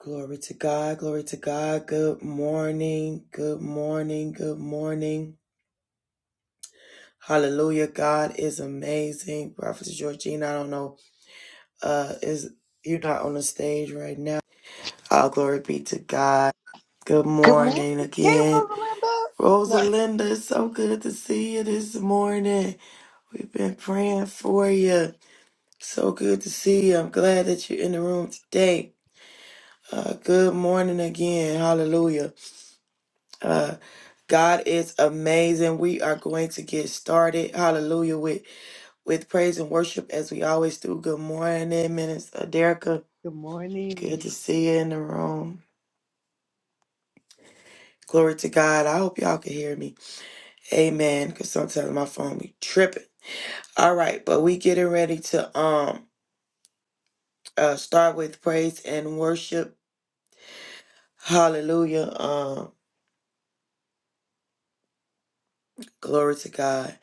Glory to God, glory to God. Good morning, good morning, good morning. Hallelujah. God is amazing. Prophet Georgina, I don't know, uh, is you're not on the stage right now. All glory be to God. Good Good morning. morning Hey, again. welcome Linda. No. Rosalinda, it's so good to see you this morning. We've been praying for you. So good to see you. I'm glad that you're in the room today. Uh, good morning again. Hallelujah. Uh, God is amazing. We are going to get started. Hallelujah with with praise and worship as we always do. Good morning, Minister Derica. Good morning. Good to see you in the room. Glory to God. I hope y'all can hear me. Amen. Cause sometimes my phone be tripping. All right, but we getting ready to um uh start with praise and worship. Hallelujah. Um, glory to God.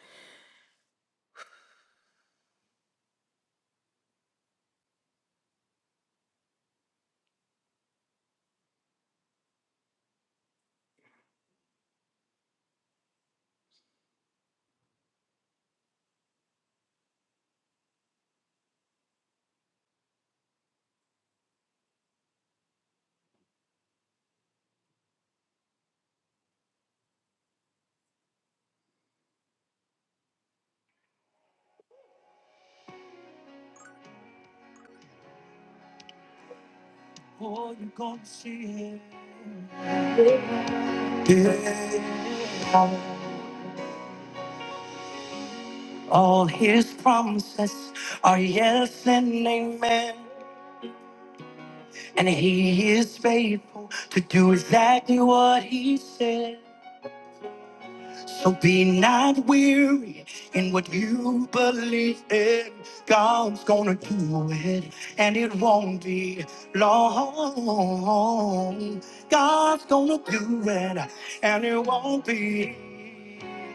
Oh, you gonna see it. Yeah. All his promises are yes and amen. And he is faithful to do exactly what he said. So be not weary in what you believe in. God's gonna do it, and it won't be long. God's gonna do it, and it won't be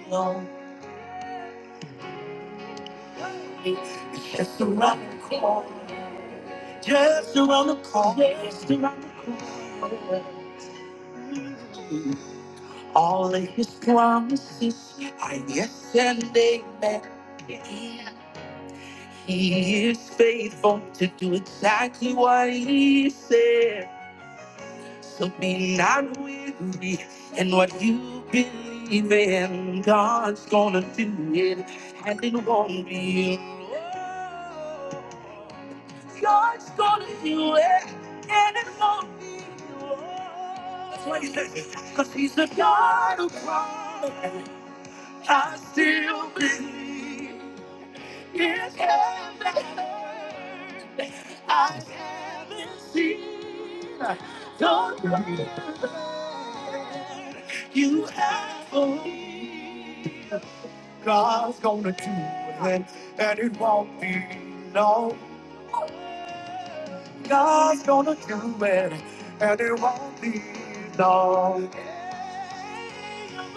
long. It's just around the corner. Just around the corner, just around the corner. All of his promises are yes and amen. He is faithful to do exactly what he said. So be not weary in what you believe in. God's gonna do it, and it won't be alone. God's gonna do it, and it won't be long. That's why he says, it, because he's the God of promise. I still believe. Here's heaven. on earth. I haven't seen the greater you have for me. God's gonna do it, and it won't be long. God's gonna do it, and it won't be long. Have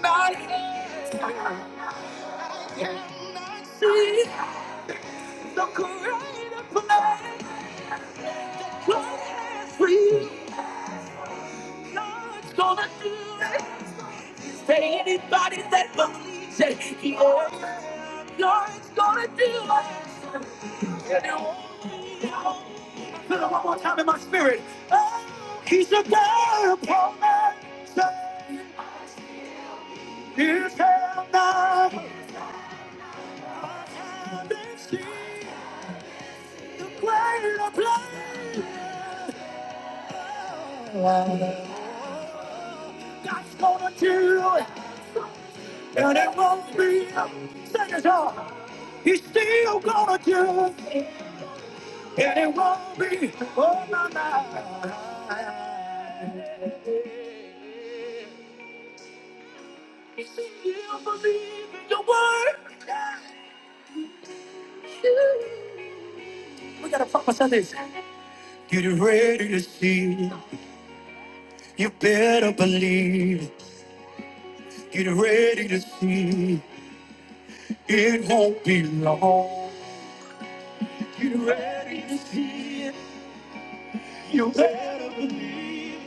not heard, have not seen. Look right up tonight. God has free. God's gonna do it. Say anybody that believes it. Yeah. God's gonna do it. And it won't be long. Feel it one more time in my spirit. Oh, he's a God upon my side. Here's how now. I haven't seen the greater plan. God's gonna do it, and it won't be a it all. He's still gonna do it, and it won't be on my mind. He said, You still in your word. We gotta promise on this. Get ready to see. You better believe. Get ready to see. It won't be long. Get ready to see it. You better believe.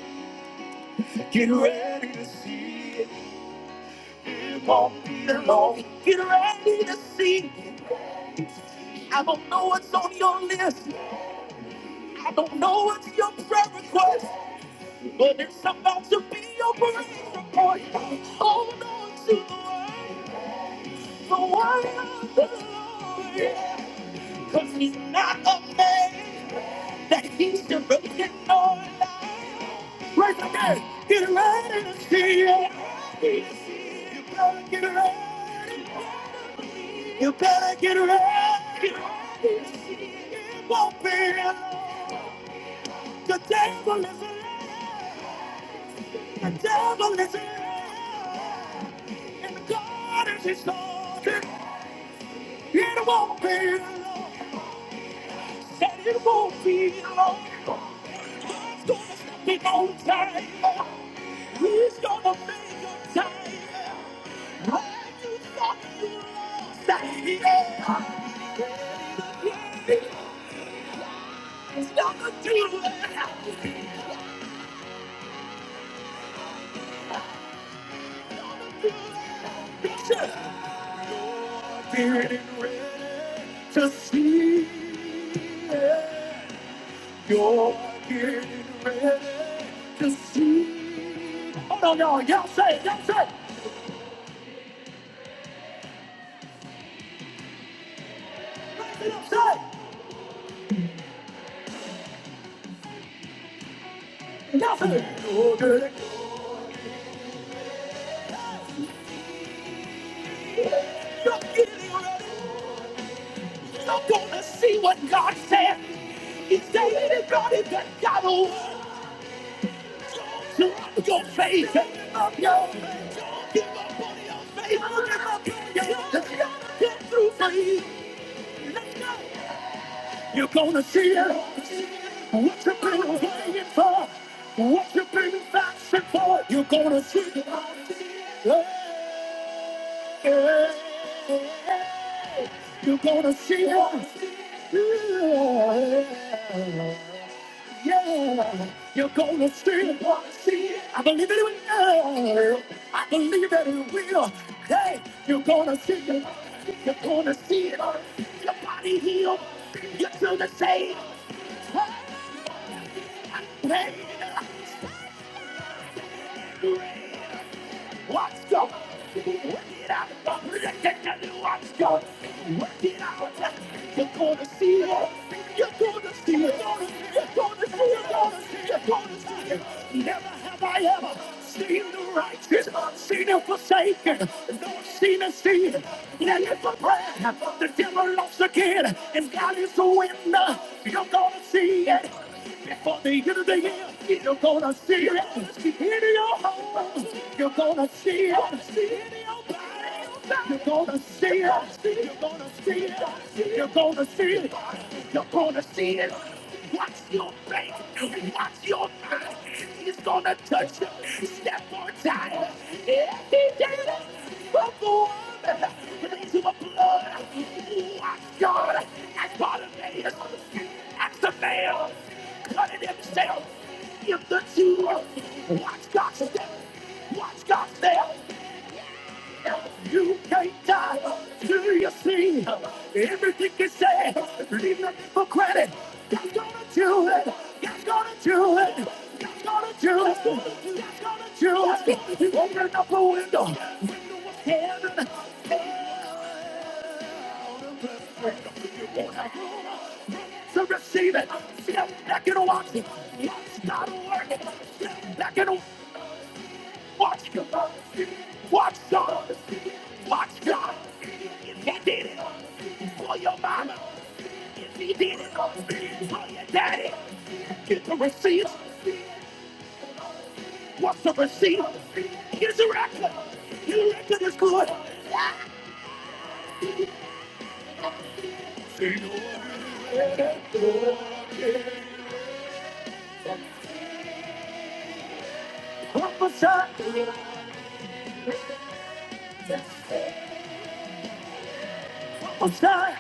it. Get ready to see it. It won't be long. Get ready to see it. I don't know what's on your list. I don't know what's your prayer request. But it's about to be your praise report. Hold on to the word. The word of the Lord. Because he's not a man that he should repent on. Right again. Get ready to see it. right. You better get ready. You better get ready. It won't be alone. The devil is alive. The devil is alive. And God is his Lord. It won't be alone. Said it won't be alone. God's gonna stop it on time. He's gonna make a time. Getting ready To see it. You're getting ready to see. Hold on, y'all. Y'all say it. Y'all say it. Raise it up, say it. Y'all say it. You're getting ready. You're getting ready. You're gonna see what God said. If there anybody that got a word, don't give up your faith. Don't give up your faith. Don't give up on your faith. Don't give up on your faith. It's gonna come through for you. You're gonna see it. What you've been waiting for. What you've been fasting for. You're gonna see it. Yeah. Yeah. You're gonna see it. Yeah. Yeah, you're gonna see it. I believe it will. I believe that it will. Hey, you're gonna see it. You're gonna see it. Your body healed. You Your the same. Hey, hey. What's up? Work it out. I'm protecting you. What's up? Work it out. You're gonna see it. You're gonna see it. You're gonna see it. You're gonna see it. Never have I ever seen the righteous, seen and forsaken, nor seen a seed. Now it's a prayer. The devil never lost again. If God is the winner, you're gonna see it. Before the end of the year, you're gonna see it. In your home, you're gonna see it. In your body, you're gonna see it. You're gonna see it. You're gonna see it. You're gonna see it. Watch your faith? Watch your mind. He's gonna touch you. Step on time. Every day of the woman. Release your blood. Watch God. As Bartimaeus. As the man. Cutting himself. Give the two. Watch God step. Watch God step. You can't die till you see everything you say. Leave nothing for credit. God's gonna do it. God's gonna do it. God's gonna do it. God's gonna do it. You Open up a window. Heaven. You won't have room to receive it. Step back and watch it. It's not working. Step back and watch it. Watch God. Watch God. Watch God. If he did it for your mama, if he did it for your daddy, get the receipt. What's the receipt? Here's a record. Your record is good. Up a side, up a side.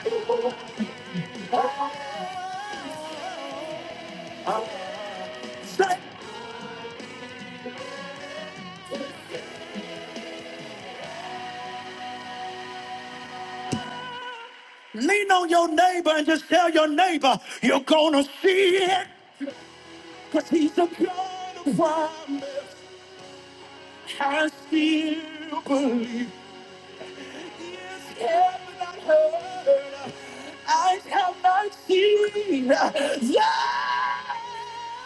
Lean on your neighbor and just tell your neighbor you're gonna see it. But he's a God of promise. I still believe. Yes, heaven I heard. I have not seen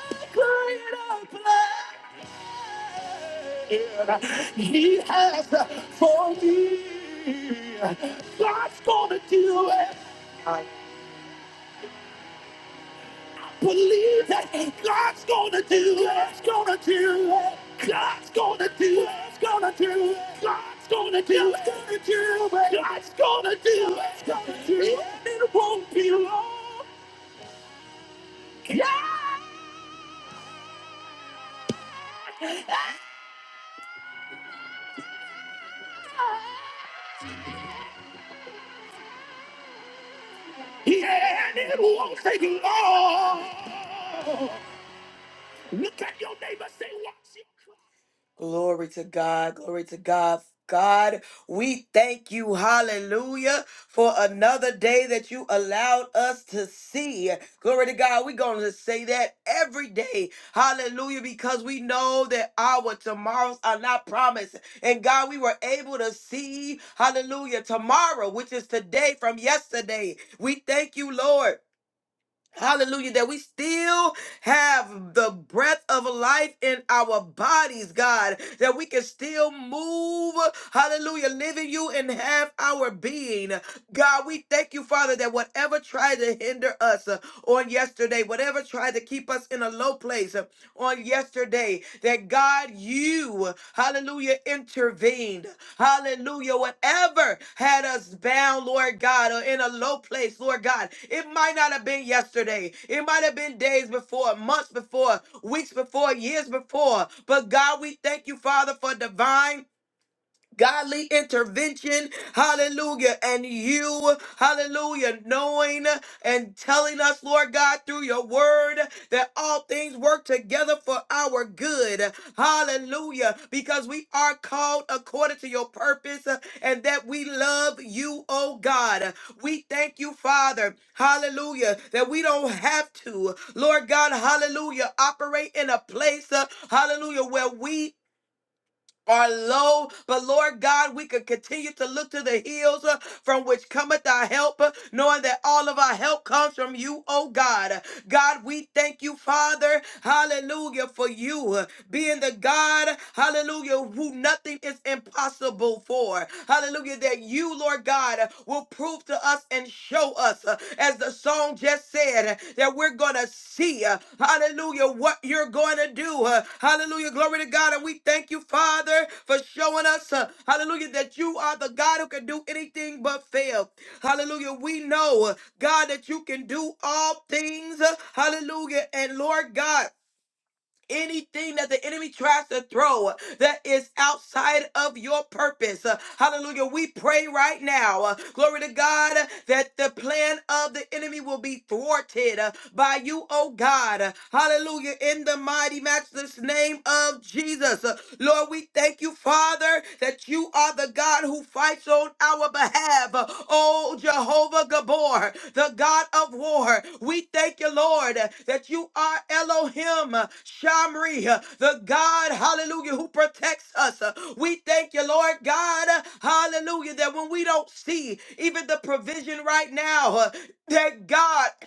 The greater plan. He has for me. God's gonna do it. Believe that God's gonna do it. God's gonna do it. God's gonna do it. God's gonna do it. God's gonna do it. God's gonna do it. God's gonna do it. Gonna do it. And it won't be long. God, yeah, and it won't take long. Look at your neighbor, say, "Watch your?" cry. Glory to God. Glory to God. God, we thank you, hallelujah, for another day that you allowed us to see. Glory to God. We're going to say that every day, hallelujah, because we know that our tomorrows are not promised. And God, we were able to see, hallelujah, tomorrow, which is today from yesterday. We thank you, Lord. Hallelujah, that we still have the breath of life in our bodies, God, that we can still move, hallelujah, live in you and have our being. God, we thank you, Father, that whatever tried to hinder us uh, on yesterday, whatever tried to keep us in a low place, on yesterday that God, you, hallelujah, intervened. Hallelujah. Whatever had us bound, Lord God, or in a low place, Lord God, it might not have been yesterday. It might have been days before, months before, weeks before, years before. But God, we thank you, Father, for divine godly intervention, hallelujah, and you, hallelujah, knowing and telling us, Lord God, through your word that all things work together for our good, hallelujah, because we are called according to your purpose uh, and that we love you, oh God. We thank you, Father, hallelujah, that we don't have to, Lord God, hallelujah, operate in a place, uh, hallelujah, where we are low, but Lord God, we could continue to look to the hills uh, from which cometh our help, uh, knowing that all of our help comes from you, oh God. God, we thank you, Father, hallelujah, for you uh, being the God, hallelujah, who nothing is impossible for. Hallelujah, that you, Lord God, uh, will prove to us and show us, uh, as the song just said, uh, that we're going to see, uh, hallelujah, what you're going to do. uh, Hallelujah. Glory to God. And we thank you, Father, for showing us, uh, hallelujah, that you are the God who can do anything but fail. Hallelujah. We know, uh, God, that you can do all things. uh, Hallelujah. And Lord God, anything that the enemy tries to throw that is outside of your purpose. Uh, Hallelujah. We pray right now, uh, glory to God, uh, that the plan of the enemy will be thwarted uh, by you, oh God. Uh, Hallelujah. In the mighty, matchless name of Jesus. Uh, Lord, we thank you, Father, that you are the God. God who fights on our behalf. Oh, Jehovah Gabor, the God of war. We thank you, Lord, that you are Elohim Shamri, the God, hallelujah, who protects us. We thank you, Lord God, hallelujah, that when we don't see even the provision right now, that God.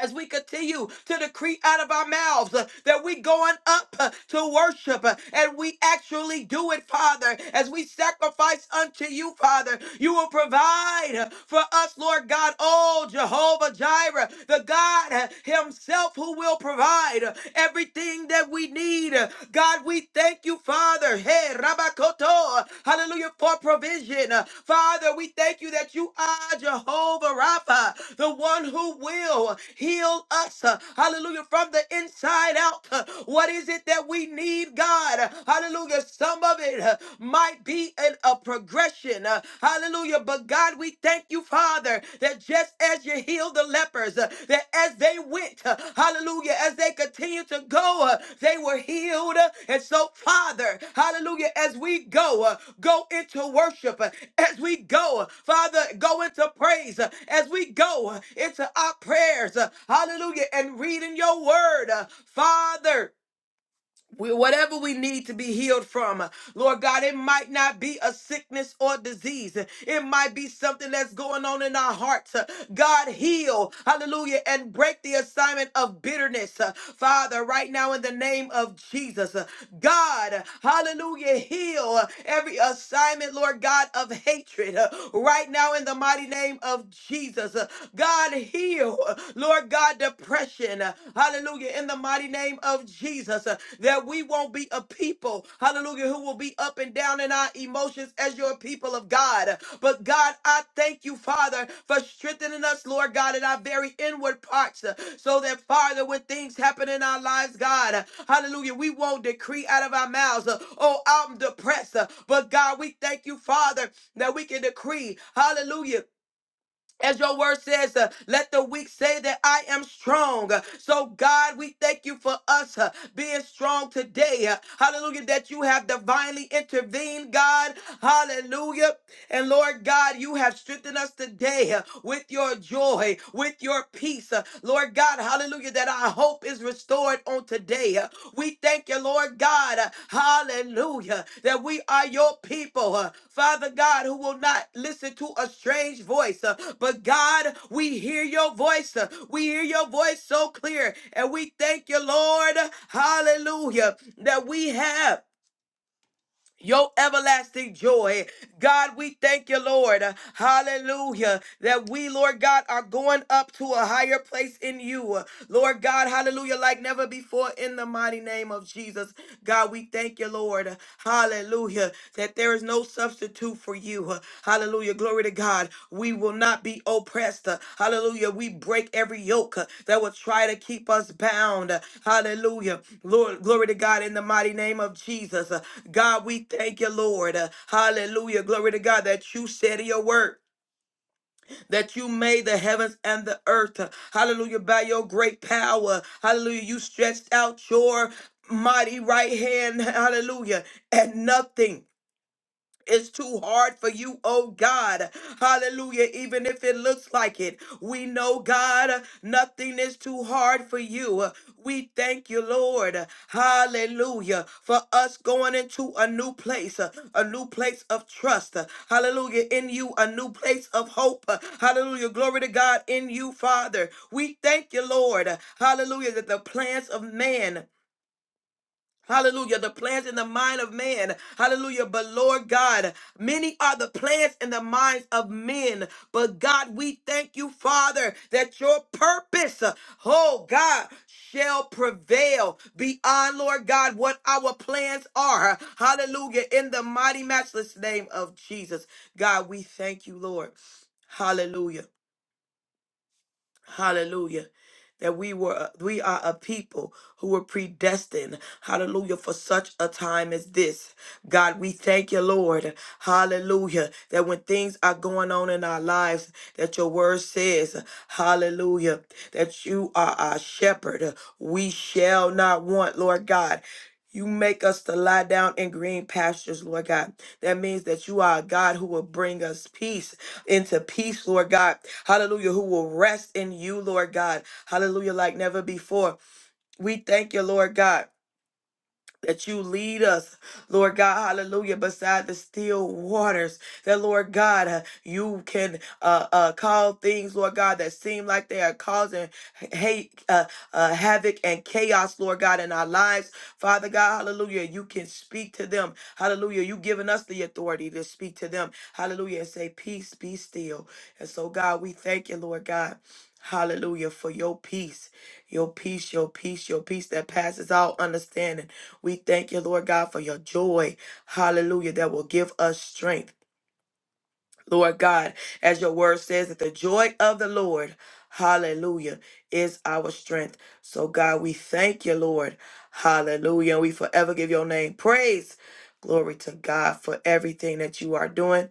as we continue to decree out of our mouths uh, that we going up uh, to worship uh, and we actually do it father as we sacrifice unto you father you will provide uh, for us lord god oh jehovah jireh the god uh, himself who will provide uh, everything that we need Uh, god we thank you father Father. Hey, Rabakoto. Hallelujah for provision. Father, we thank you that you are Jehovah Rapha, the one who will heal us. Hallelujah from the inside out. What is it that we need, God? Hallelujah. Some of it might be in a progression. Hallelujah. But God, we thank you, Father, declare that just as you healed the lepers, uh, that as they went, uh, hallelujah, as they continued to go, uh, they were healed. Uh, And so, Father, hallelujah, as we go, uh, go into worship, uh, as we go, uh, Father, go into praise, uh, as we go uh, into our prayers, uh, hallelujah, and reading your word, uh, Father we, whatever we need to be healed from, uh, Lord God, it might not be a sickness or disease. It might be something that's going on in our hearts. Uh, God, heal, hallelujah, and break the assignment of bitterness. Uh, Father, right now in the name of Jesus, uh, God, hallelujah, heal every assignment, Lord God, of hatred. Uh, Right now in the mighty name of Jesus, uh, God, heal, uh, Lord God, depression. uh, Hallelujah. In the mighty name of Jesus, uh, that we won't be a people, hallelujah, who will be up and down in our emotions as your people of God. But God, I thank you, Father, for strengthening us, Lord God, in our very inward parts, uh, so that, Father, when things happen in our lives, God, uh, hallelujah, we won't decree out of our mouths, uh, oh, I'm depressed. uh, But God, we thank you, Father, that we can decree, hallelujah as your word says, uh, let the weak say that I am strong. Uh, So, God, we thank you for us uh, being strong today. Uh, hallelujah, that you have divinely intervened, God. Hallelujah. And Lord God, you have strengthened us today uh, with your joy, with your peace. Uh, Lord God, hallelujah, that our our hope is restored on today. Uh, We thank you, Lord God. uh, Hallelujah. That we are your people, uh, Father God, who will not listen to a strange voice. uh, But God, we hear your voice. uh, We hear your voice so clear. And we thank you, Lord. Hallelujah. That we have your everlasting joy. God, we thank you, Lord. Hallelujah. That we, Lord God, are going up to a higher place in you. Lord God, hallelujah, like never before in the mighty name of Jesus. God, we thank you, Lord. Hallelujah. That there is no substitute for you. Hallelujah. Glory to God. We will not be oppressed. Hallelujah. We break every yoke uh, that will try to keep us bound. Hallelujah. Lord, glory to God in the mighty name of Jesus. Uh, God, we thank you, Lord. Uh, Hallelujah. Glory to God that you said in your word that you made the heavens and the earth. Hallelujah. By your great power. Hallelujah. You stretched out your mighty right hand. Hallelujah. And nothing it's too hard for you, oh God. Hallelujah. Even if it looks like it, we know, God, nothing is too hard for you. We thank you, Lord. Hallelujah. For us going into a new place, uh, a new place of trust. Hallelujah. In you, a new place of hope. Hallelujah. Glory to God in you, Father. We thank you, Lord. Hallelujah. That the plans of man Hallelujah. The plans in the mind of man. Hallelujah. But Lord God, many are the plans in the minds of men. But God, we thank you, Father, that your purpose, uh, oh God, shall prevail beyond, Lord God, what our plans are. Hallelujah. In the mighty, matchless name of Jesus. God, we thank you, Lord. Hallelujah. Hallelujah. That we were uh, we are a people who were predestined. Hallelujah. For such a time as this. God, we thank you, Lord. Hallelujah. That when things are going on in our lives, that your word says, Hallelujah, that you are our shepherd. We shall not want, Lord God. You make us to lie down in green pastures, Lord God. That means that you are a God who will bring us peace into peace, Lord God. Hallelujah. Who will rest in you, Lord God. Hallelujah, like never before. We thank you, Lord God that you lead us, Lord God, hallelujah, beside the still waters. That, Lord God, uh, you can uh, uh, call things, Lord God, that seem like they are causing hate, uh, uh, havoc, and chaos, Lord God, in our lives. Father God, hallelujah, you can speak to them. Hallelujah, you've given us the authority to speak to them. Hallelujah, and say, Peace, be still. And so, God, we thank you, Lord God. Hallelujah for your peace, your peace, your peace, your peace that passes all understanding. We thank you, Lord God, for your joy. Hallelujah. That will give us strength. Lord God, as your word says, that the joy of the Lord, hallelujah, is our strength. So, God, we thank you, Lord. Hallelujah. We forever give your name praise. Glory to God for everything that you are doing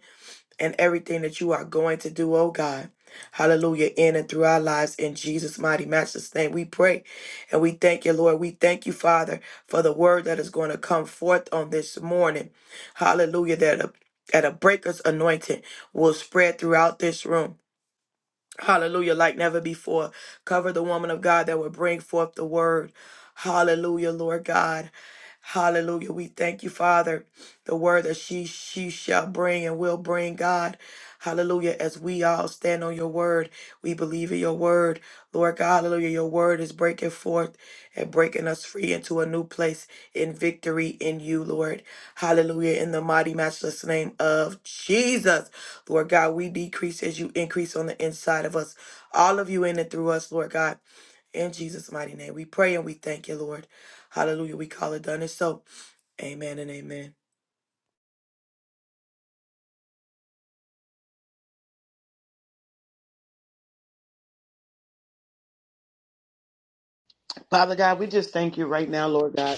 and everything that you are going to do, oh God. Hallelujah, in and through our lives in Jesus' mighty matchless name. We pray and we thank you, Lord. We thank you, Father, for the word that is going to come forth on this morning. Hallelujah, that a, that a breaker's anointing will spread throughout this room. Hallelujah, like never before. Cover the woman of God that will bring forth the word. Hallelujah, Lord God. Hallelujah. We thank you, Father, the word that she she shall bring and will bring, God. Hallelujah. As we all stand on your word, we believe in your word. Lord God, hallelujah. Your word is breaking forth and breaking us free into a new place in victory in you, Lord. Hallelujah. In the mighty matchless name of Jesus. Lord God, we decrease as you increase on the inside of us, all of you in and through us, Lord God. In Jesus' mighty name, we pray and we thank you, Lord. Hallelujah. We call it done. And so, amen and amen. Father God, we just thank you right now, Lord God.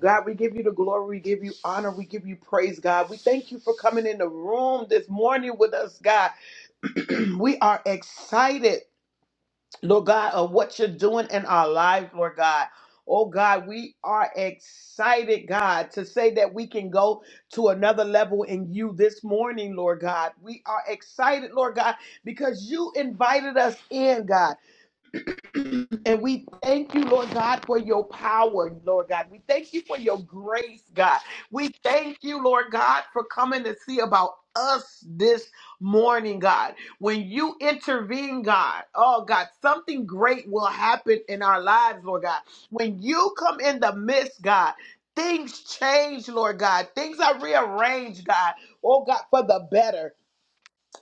God, we give you the glory, we give you honor, we give you praise, God. We thank you for coming in the room this morning with us, God. we are excited, Lord God, of what you're doing in our lives, Lord God. Oh God, we are excited, God, to say that we can go to another level in you this morning, Lord God. We are excited, Lord God, because you invited us in, God. And we thank you, Lord God, for your power, Lord God. We thank you for your grace, God. We thank you, Lord God, for coming to see about us this morning, God. When you intervene, God, oh God, something great will happen in our lives, Lord God. When you come in the midst, God, things change, Lord God. Things are rearranged, God, oh God, for the better.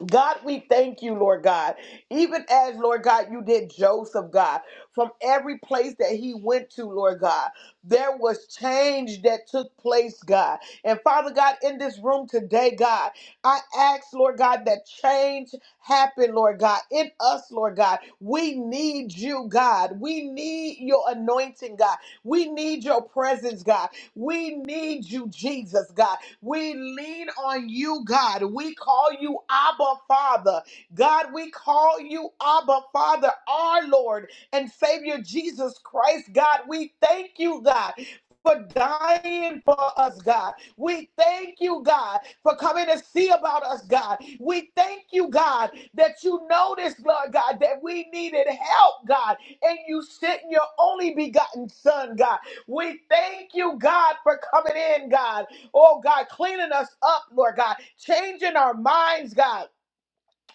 God, we thank you, Lord God. Even as, Lord God, you did Joseph, God, from every place that he went to, Lord God, there was change that took place, God. And Father God, in this room today, God, I ask, Lord God, that change happen, Lord God, in us, Lord God. We need you, God. We need your anointing, God. We need your presence, God. We need you, Jesus, God. We lean on you, God. We call you Abba Father. God, we call you Abba Father, our Lord and Savior Jesus Christ. God, we thank you, God. For dying for us, God. We thank you, God, for coming to see about us, God. We thank you, God, that you noticed, Lord God, that we needed help, God, and you sent your only begotten Son, God. We thank you, God, for coming in, God. Oh God, cleaning us up, Lord God, changing our minds, God.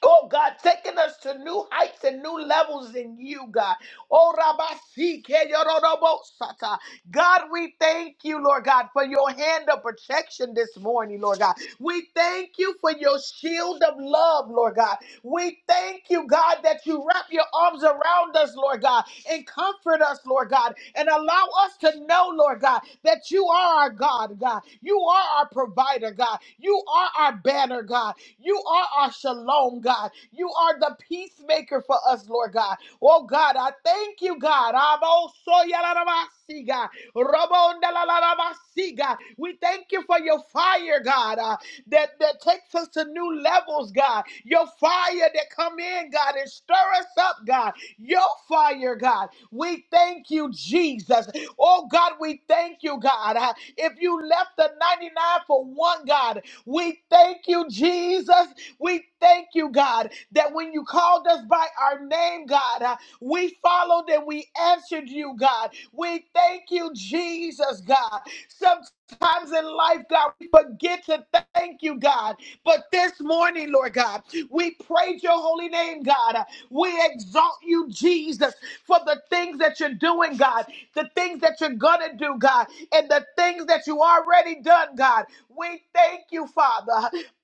Oh God, taking us to new heights and new levels in you, God. Oh Rabasi Rabasike Sata, God, we thank you, Lord God, for your hand of protection this morning, Lord God. We thank you for your shield of love, Lord God. We thank you, God, that you wrap your arms around us, Lord God, and comfort us, Lord God, and allow us to know, Lord God, that you are our God, God. You are our provider, God. You are our banner, God. You are our shalom, God. You are the peacemaker for us, Lord God. Oh, God, I thank you, God. Amo soyalarabasi, God. Ramon de la la la basi, We thank you for your fire, God. Uh, that, that takes us to new levels, God. Your fire that come in, God, and stir us up, God. Your fire, God. We thank you, Jesus. Oh, God, we thank you, God. Uh, If you left the 99 for one, God, we thank you, Jesus. We thank you, God, that when you called us by our name, God, uh, we followed and we answered you, God. We thank you, Jesus, God. Sometimes in life, God, we forget to thank you, God. But this morning, Lord God, we praise your holy name, God. We exalt you, Jesus, for the things that you're doing, God, the things that you're gonna do, God, and the things that you already done, God. We thank you, Father.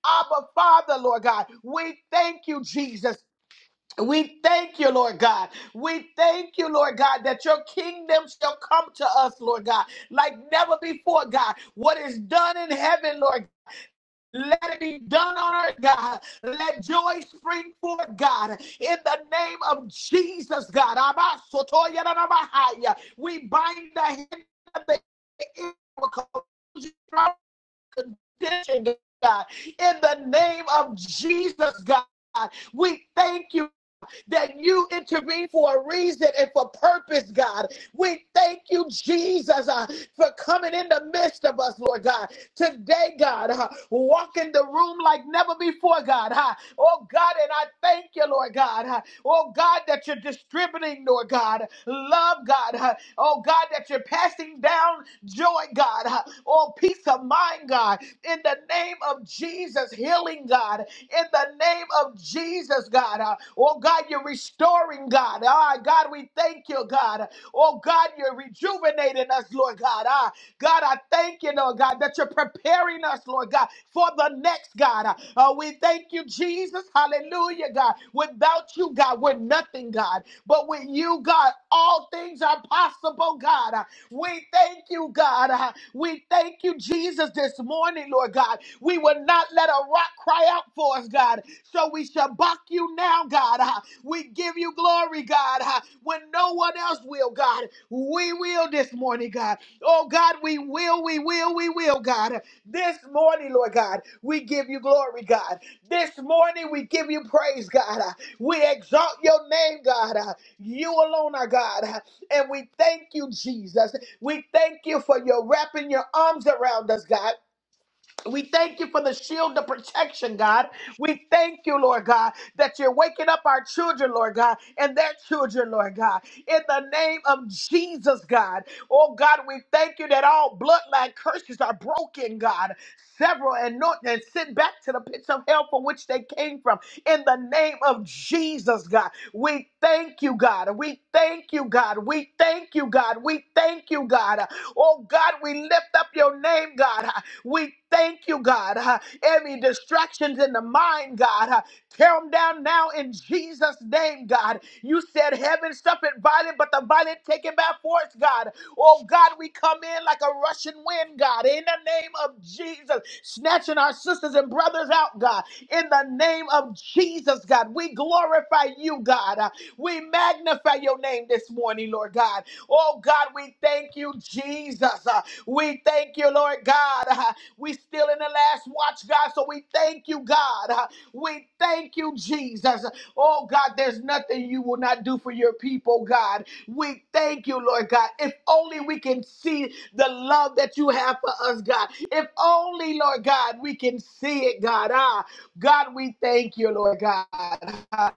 Abba, Father, Lord God. We thank you, Jesus. We thank you, Lord God. We thank you, Lord God, that your kingdom shall come to us, Lord God, like never before, God. What is done in heaven, Lord let it be done on earth, God. Let joy spring forth, God. In the name of Jesus, God. Abba, soto, yada, nama, We bind the hand of the evil condition, God. In the name of Jesus, God. We thank you that you intervene for a reason and for purpose, God. We thank you, Jesus, uh, for coming in the midst of us, Lord God. Today, God, uh, walk in the room like never before, God. uh, oh, God, and I thank you, Lord God. uh, oh, God, that you're distributing, Lord God. Love, God. uh, oh, God, that you're passing down joy, God. uh, oh, peace of mind, God. In the name of Jesus, healing, God in the name of Jesus, God. Uh, Oh, God, you're restoring, God. Ah, God, we thank you, God. Oh, God, you're rejuvenating us, Lord God. Ah, God, I thank you, Lord God, that you're preparing us, Lord God, for the next, God. Uh, uh, we thank you, Jesus. Hallelujah, God. Without you, God, we're nothing, God. But with you, God, all things are possible, God. We thank you, God. Uh, We thank you, Jesus, this morning, Lord God. We will not let a rock cry out for us, God. So we shall buck you now, God. Uh, We give you glory, God, Uh, when no one else will, God. We will this morning, God. Oh, God, we will, we will, we will, God. This morning, Lord God, we give you glory, God. This morning, we give you praise, God. Uh, We exalt your name, God. Uh, You alone are God. Uh, and we thank you, Jesus. We thank you for your wrapping your arms around us, God. We thank you for the shield of protection, God. We thank you, Lord God, that you're waking up our children, Lord God, and their children, Lord God. In the name of Jesus, God. Oh, God, we thank you that all bloodline curses are broken, God. Several and not and sent back to the pits of hell from which they came from. In the name of Jesus, God. We thank you, God. We thank you, God. We thank you, God. We thank you, God. Oh, God, we lift up your name, God. We thank you, God. uh, Every distractions in the mind, God, uh, tear them down now in Jesus' name, God. You said heaven suffered violent, but the violent take it by force, God. Oh, God, we come in like a rushing wind, God, in the name of Jesus, snatching our sisters and brothers out, God, in the name of Jesus, God. We glorify you, God. Uh, We magnify your name this morning, Lord God. Oh, God, we thank you, Jesus. Uh, We thank you, Lord God. God. Uh, We still in the last watch, God. So we thank you, God. Uh, We thank you, Jesus. Oh God, there's nothing you will not do for your people, God. We thank you, Lord God. If only we can see the love that you have for us, God. If only, Lord God, we can see it, God. Ah, God, we thank you, Lord God. Ah,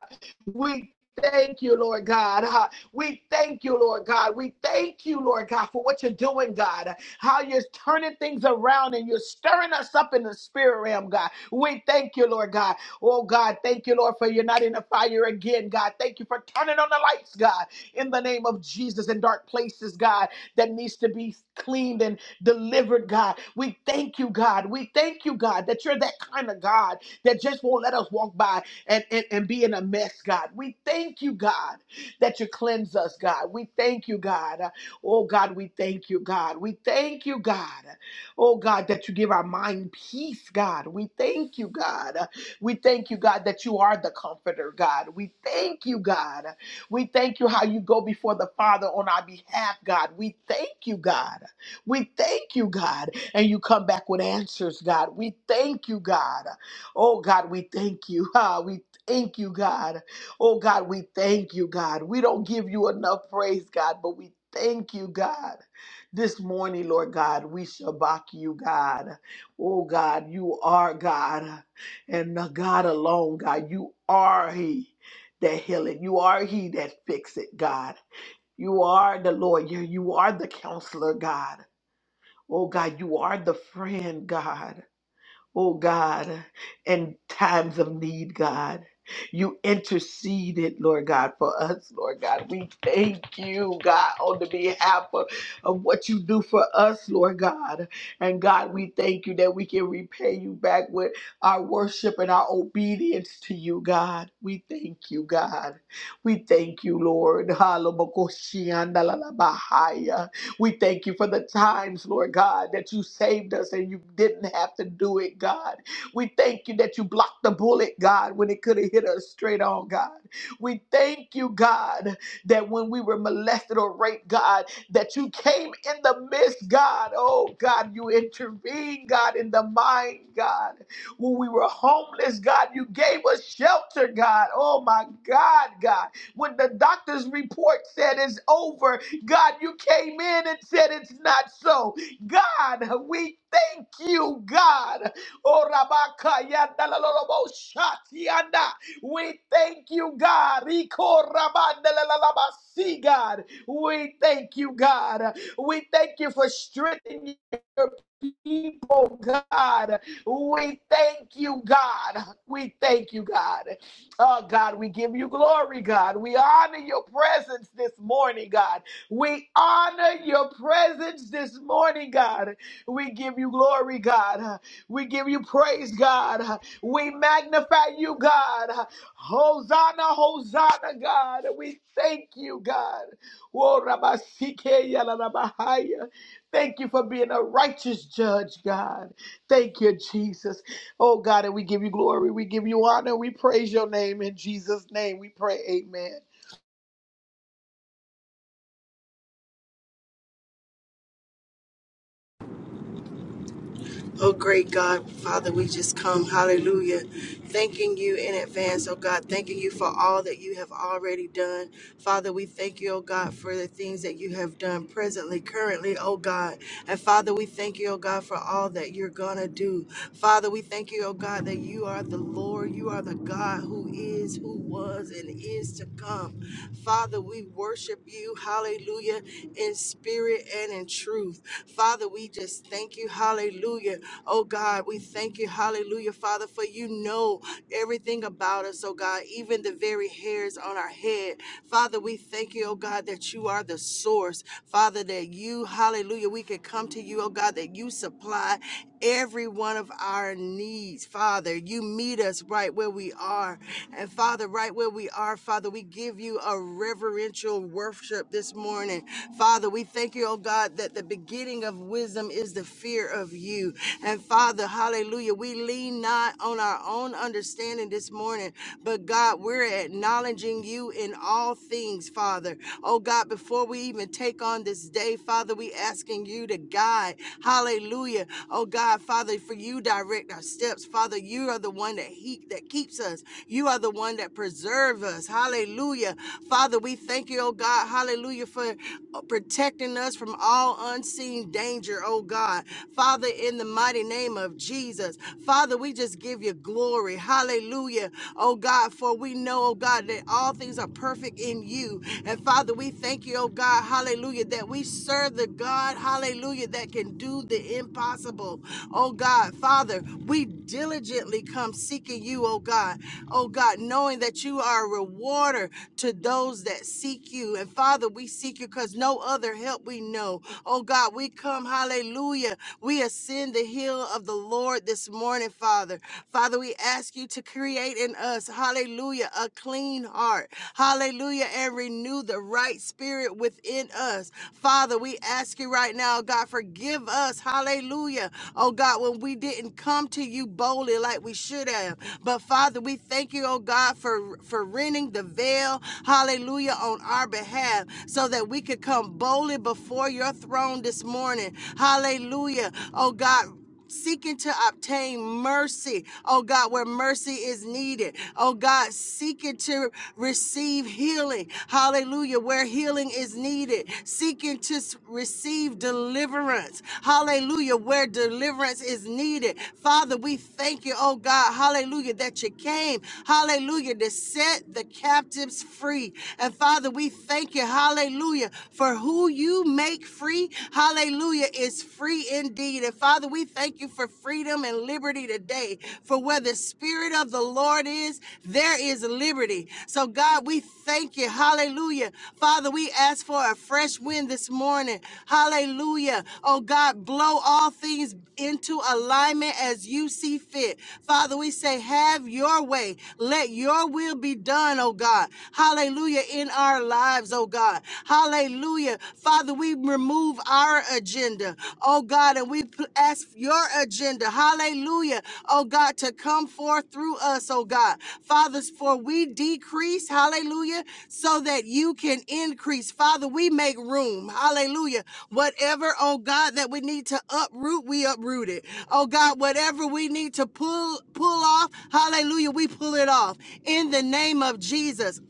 We thank you, Lord God. Ah, we thank you, Lord God. We thank you, Lord God, for what you're doing, God how you're turning things around and you're stirring us up in the spirit realm, God. We thank you, Lord God. Oh, God, thank you, Lord, for you're not in the fire again, God. Thank you for turning on the lights, God, in the name of Jesus in dark places, God, that needs to be cleaned and delivered, God. We thank you, God. We thank you, God, that you're that kind of God that just won't let us walk by and, and, and be in a mess, God. We thank you, God, that you cleanse us, God. We thank you, God. Oh God, we thank you, God. We thank you, God. Oh God, that you give our mind peace, God. We thank you, God. We thank you, God, that you are the comforter, God. We thank you, God. We thank you how you go before the Father on our behalf, God. We thank you, God. We thank you, God. And you come back with answers, God. We thank you, God. Oh God, we thank you. Ah, we thank you, God. Oh God, we thank you, God. We don't give you enough praise, God, but we thank you, God. This morning, Lord God, we shabak you, God. Oh God, you are God and the God alone, God. You are He that healeth. You are He that fix it, God. You are the lawyer. You are the counselor, God. Oh God, you are the friend, God oh God, in times of need, God. You interceded, Lord God, for us, Lord God. We thank you, God, on the behalf of, of what you do for us, Lord God. And God, we thank you that we can repay you back with our worship and our obedience to you, God. We thank you, God. We thank you, Lord. We thank you for the times, Lord God, that you saved us and you didn't have to do it, God. We thank you that you blocked the bullet, God, when it could have hit us straight on, God. We thank you, God, that when we were molested or raped, God, that you came in the midst, God. Oh, God, you intervened, God, in the mind, God. When we were homeless, God, you gave us shelter, God. Oh, my God, God. When the doctor's report said it's over, God, you came in and said it's not so. God, we thank you, God. Oh, Rabaka, yanda, la, la, la, bo, shati, yanda. We thank you, God. Riko, rabanda, la, la, la, ba, si, God. We thank you, God. We thank you for strengthening your people, God. We thank you, God. We thank you, God. Oh, God, we give you glory, God. We honor your presence this morning, God. We honor your presence this morning, God. We give you glory, God. We give you praise, God. We magnify you, God. Hosanna, Hosanna, God. We thank you, God. Oh, rabba sike ya la rabba haya. Thank you for being a righteous judge, God. Thank you, Jesus. Oh, God, and we give you glory. We give you honor. We praise your name. In Jesus' name, we pray. Amen. Oh, great God, Father, we just come, hallelujah, thanking you in advance, oh God, thanking you for all that you have already done. Father, we thank you, oh God, for the things that you have done presently, currently, oh God. And Father, we thank you, oh God, for all that you're going to do. Father, we thank you, oh God, that you are the Lord, you are the God who is, who was, and is to come. Father, we worship you, hallelujah, in spirit and in truth. Father, we just thank you, hallelujah Oh God, we thank you. Hallelujah, Father, for you know everything about us, oh God, even the very hairs on our head. Father, we thank you, oh God, that you are the source. Father, that you, hallelujah, we can come to you, oh God, that you supply every one of our needs. Father, you meet us right where we are. And Father, right where we are, Father, we give you a reverential worship this morning. Father, we thank you, oh God, that the beginning of wisdom is the fear of you. And Father, hallelujah, we lean lean not on our own understanding this morning, but God, we're acknowledging you in all things, Father. Oh God, before we even take on this day, Father, we asking you to guide. Hallelujah. Oh God, Father, for you direct our steps. Father, you are the one that he that keeps us. You are the one that preserves. us. Hallelujah. Father, we thank you, oh God, hallelujah, for uh, protecting us from all unseen danger, oh God. Father, in the mighty name name of Jesus. Father, we just give you glory. Hallelujah. Oh God, for we know, oh God, that all things are perfect in you. And Father, we thank you, oh God, hallelujah, that we serve the God, hallelujah, that can do the impossible. Oh God, Father, we diligently come seeking you, oh God. Oh God, knowing that you are a rewarder to those that seek you. And Father, we seek you because no other help we know. Oh God, we come, hallelujah. Hallelujah. We ascend the hill of the Lord this morning, Father. Father, we ask you to create in us, hallelujah, a clean heart. Hallelujah. And renew the right spirit within us. Father, we ask you right now, God, forgive us. Hallelujah. Oh God, when we didn't come to you boldly like we should have. But Father, we thank you, oh God, for, for rending the veil. Hallelujah. On our behalf so that we could come boldly before your throne throne this morning. Hallelujah. Oh God. Seeking to obtain mercy, oh God, where mercy is needed. Oh God, seeking to receive healing, hallelujah, where healing is needed. Seeking to s- receive deliverance, hallelujah, where deliverance is needed. Father, we thank you, oh God, hallelujah, that you came, hallelujah, to set the captives free. And Father, we thank you, hallelujah, for. For who you make free, hallelujah, is free indeed. And Father, we thank you for freedom and liberty today. For where the Spirit of the Lord is, there is liberty. So, God, we thank you, hallelujah. Father, we ask for a fresh wind this morning, hallelujah. Oh, God, blow all things into alignment as you see fit. Father, we say, have your way. Let your will be done, oh God. Hallelujah, in our lives lives, oh God. Hallelujah. Father, we remove our agenda, oh God, and we pl- ask your agenda, hallelujah, oh God, to come forth through us, oh God. Fathers, for we decrease, hallelujah, so that you can increase. Father, we make room, hallelujah. Whatever, oh God, that we need to uproot, we uproot it. Oh God, whatever we need to pull pull off, hallelujah, we pull it off. In the name of Jesus,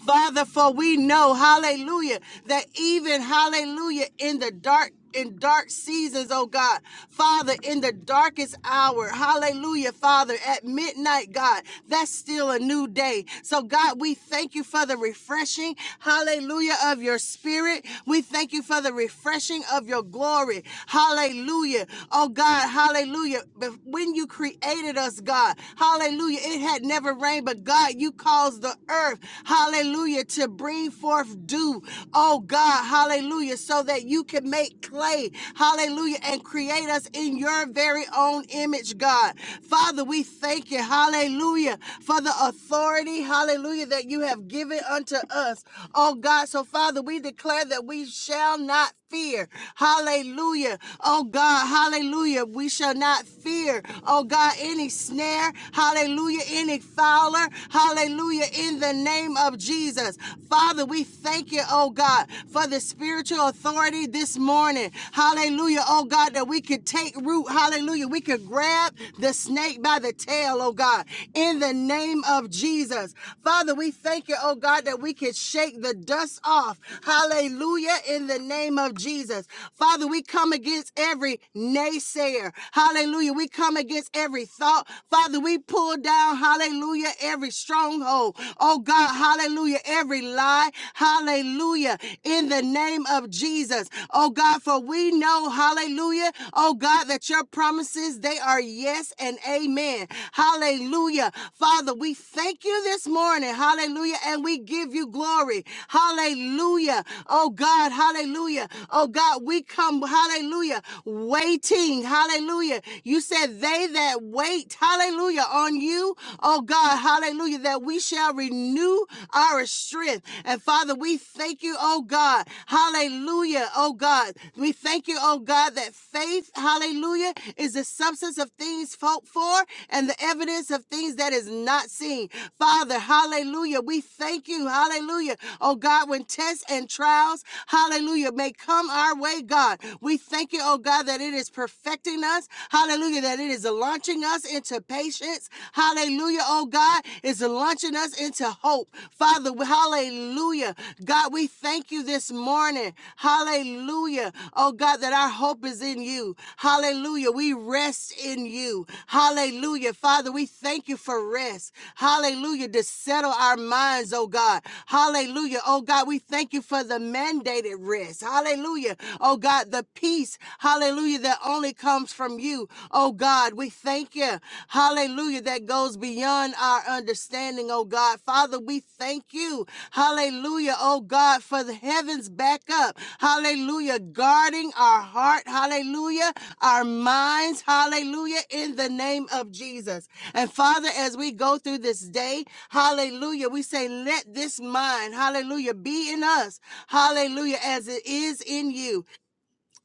Father, for we know, hallelujah, that even, hallelujah, in the dark, in dark seasons, oh God. Father, in the darkest hour, hallelujah, Father, at midnight, God, that's still a new day. So, God, we thank you for the refreshing, hallelujah, of your spirit. We thank you for the refreshing of your glory, hallelujah. Oh, God, hallelujah. But When you created us, God, hallelujah, it had never rained, but God, you called cause the earth, hallelujah, to bring forth dew, oh God, hallelujah, so that you can make clay, hallelujah, and create us in your very own image, God. Father, we thank you, hallelujah, for the authority, hallelujah, that you have given unto us, oh God. So, Father, we declare that we shall not fear, hallelujah, oh God, hallelujah, we shall not fear, oh God, any snare, hallelujah, any Fowler. Hallelujah. In the name of Jesus. Father, we thank you, oh God, for the spiritual authority this morning. Hallelujah, oh God, that we could take root. Hallelujah. We could grab the snake by the tail, oh God, in the name of Jesus. Father, we thank you, oh God, that we could shake the dust off. Hallelujah, in the name of Jesus. Father, we come against every naysayer. Hallelujah. We come against every thought. Father, Father, we pull down, hallelujah, every stronghold. Oh God, hallelujah, every lie, hallelujah, in the name of Jesus. Oh God, for we know, hallelujah, oh God, that your promises, they are yes and amen. Hallelujah. Father, we thank you this morning, hallelujah, and we give you glory. Hallelujah. Oh God, hallelujah. Oh God, we come, hallelujah, waiting, hallelujah. You said, they they that wait, hallelujah, on you, oh God, hallelujah, that we shall renew our strength. And Father, we thank you, oh God, hallelujah, oh God. We thank you, oh God, that faith, hallelujah, is the substance of things hoped for and the evidence of things that is not seen. Father, hallelujah, we thank you, hallelujah, oh God, when tests and trials, hallelujah, may come our way, God. We thank you, oh God, that it is perfecting teaching us. Hallelujah. That it is launching us into patience. Hallelujah. Oh God, it's launching us into hope. Father, hallelujah. God, we thank you this morning. Hallelujah. Oh God, that our hope is in you. Hallelujah. We rest in you. Hallelujah. Father, we thank you for rest. Hallelujah. To settle our minds, oh God. Hallelujah. Oh God, we thank you for the mandated rest. Hallelujah. Oh God, the peace. Hallelujah. That only comes from you. Oh God, we thank you. Hallelujah. That goes beyond our understanding, oh God. Father, we thank you. Hallelujah. Oh God, for the heavens back up. Hallelujah. Guarding our heart. Hallelujah. Our minds. Hallelujah. In the name of Jesus. And Father, as we go through this day, hallelujah, we say, let this mind, hallelujah, be in us. Hallelujah. As it is in you.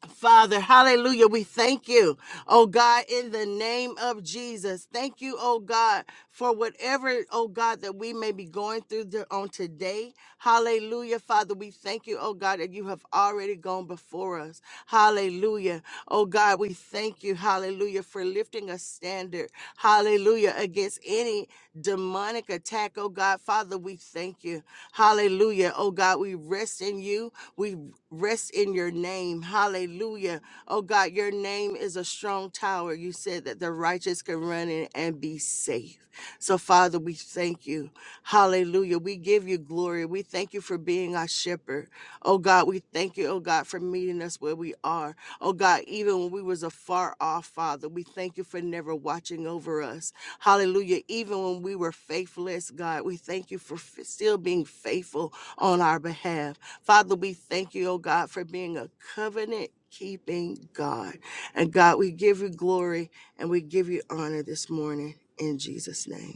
Father, hallelujah. We thank you, oh God, in the name of Jesus. Thank you, oh God, for whatever, oh God, that we may be going through there on today. Hallelujah, Father. We thank you, oh God, that you have already gone before us. Hallelujah. Oh God, we thank you, hallelujah, for lifting us standard. Hallelujah. Against any demonic attack, oh God. Father, we thank you. Hallelujah. Oh God, we rest in you. We rest in your name. Hallelujah. Oh God, your name is a strong tower. You said that the righteous can run in and be safe. So, Father, we thank you. Hallelujah. We give you glory. We thank you for being our shepherd. Oh God, we thank you, oh God, for meeting us where we are. Oh God, even when we was afar off, Father, we thank you for never watching over us. Hallelujah. Even when we were faithless, God, we thank you for f- still being faithful on our behalf. Father, we thank you, oh God, for being a covenant keeping God. And God, we give you glory and we give you honor this morning in Jesus' name.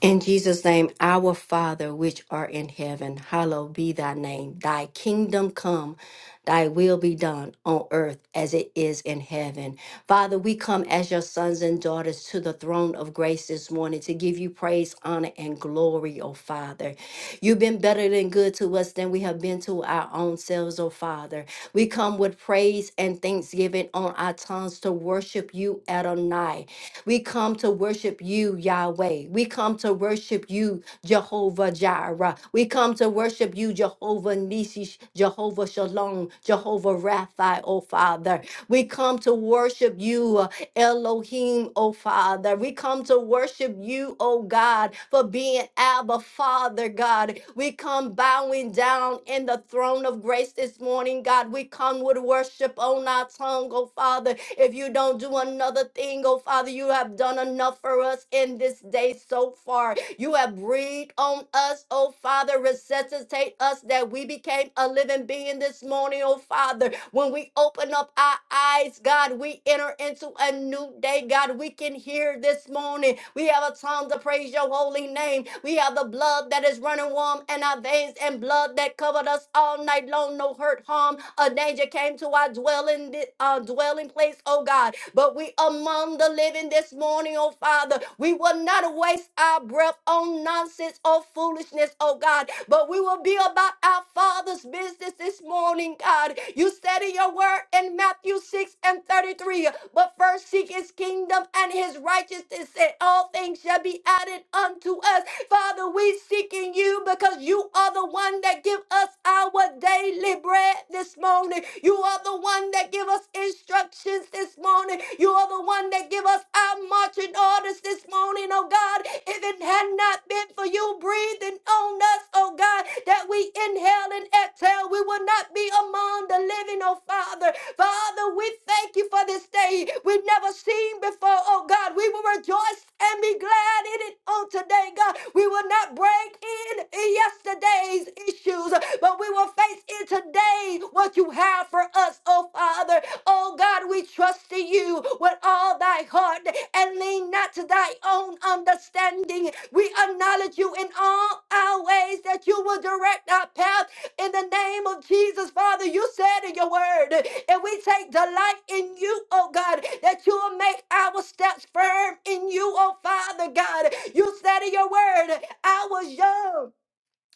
In Jesus' name, our Father which art in heaven, hallowed be thy name. Thy kingdom come, thy will be done on earth as it is in heaven. Father, we come as your sons and daughters to the throne of grace this morning to give you praise, honor, and glory, oh Father. You've been better than good to us than we have been to our own selves, oh Father. We come with praise and thanksgiving on our tongues to worship you, Adonai. We come to worship you, Yahweh. We come to worship you, Jehovah Jireh. We come to worship you, Jehovah Nisi, Jehovah Shalom, Jehovah Rapha, oh Father. We come to worship you, uh, Elohim, oh Father. We come to worship you, oh God, for being Abba, Father, God. We come bowing down in the throne of grace this morning, God. We come with worship on our tongue, oh Father. If you don't do another thing, oh Father, you have done enough for us in this day so far. You have breathed on us, oh Father. Resuscitate us that we became a living being this morning, oh Father. When we open up our eyes, God, we enter into a new day. God, we can hear this morning. We have a tongue to praise your holy name. We have the blood that is running warm in our veins and blood that covered us all night long. No hurt, harm, or danger came to our dwelling, uh, dwelling place, oh God but we among the living this this morning, oh Father. We will not waste our breath on nonsense or foolishness, oh God, but we will be about our Father's business this morning, God. You said in your word in Matthew 6 and 33, but first seek his kingdom and his righteousness, and all things shall be added unto us. Father, we seeking you because you are the one that give us our daily bread this morning. You are the one that give us instructions this morning. You are the one that give us our marching orders this morning, oh God. If it had not been for you breathing on us, oh God, that we inhale and exhale, we would not be among the living, oh Father. Father, we thank you for this day we've never seen before, oh God. We will rejoice and be glad in it on today, God. We will not break in yesterday's issues, but we will face in today what you have for us, oh Father. Oh God, we trust in you with all thy heart and lean not to thy own understanding. We acknowledge you in all our ways that you will direct our path in the name of Jesus, Father. You said in your word, and we take delight in you, oh God, that you will make our steps firm in you, oh Father God. You said in your word, I was young.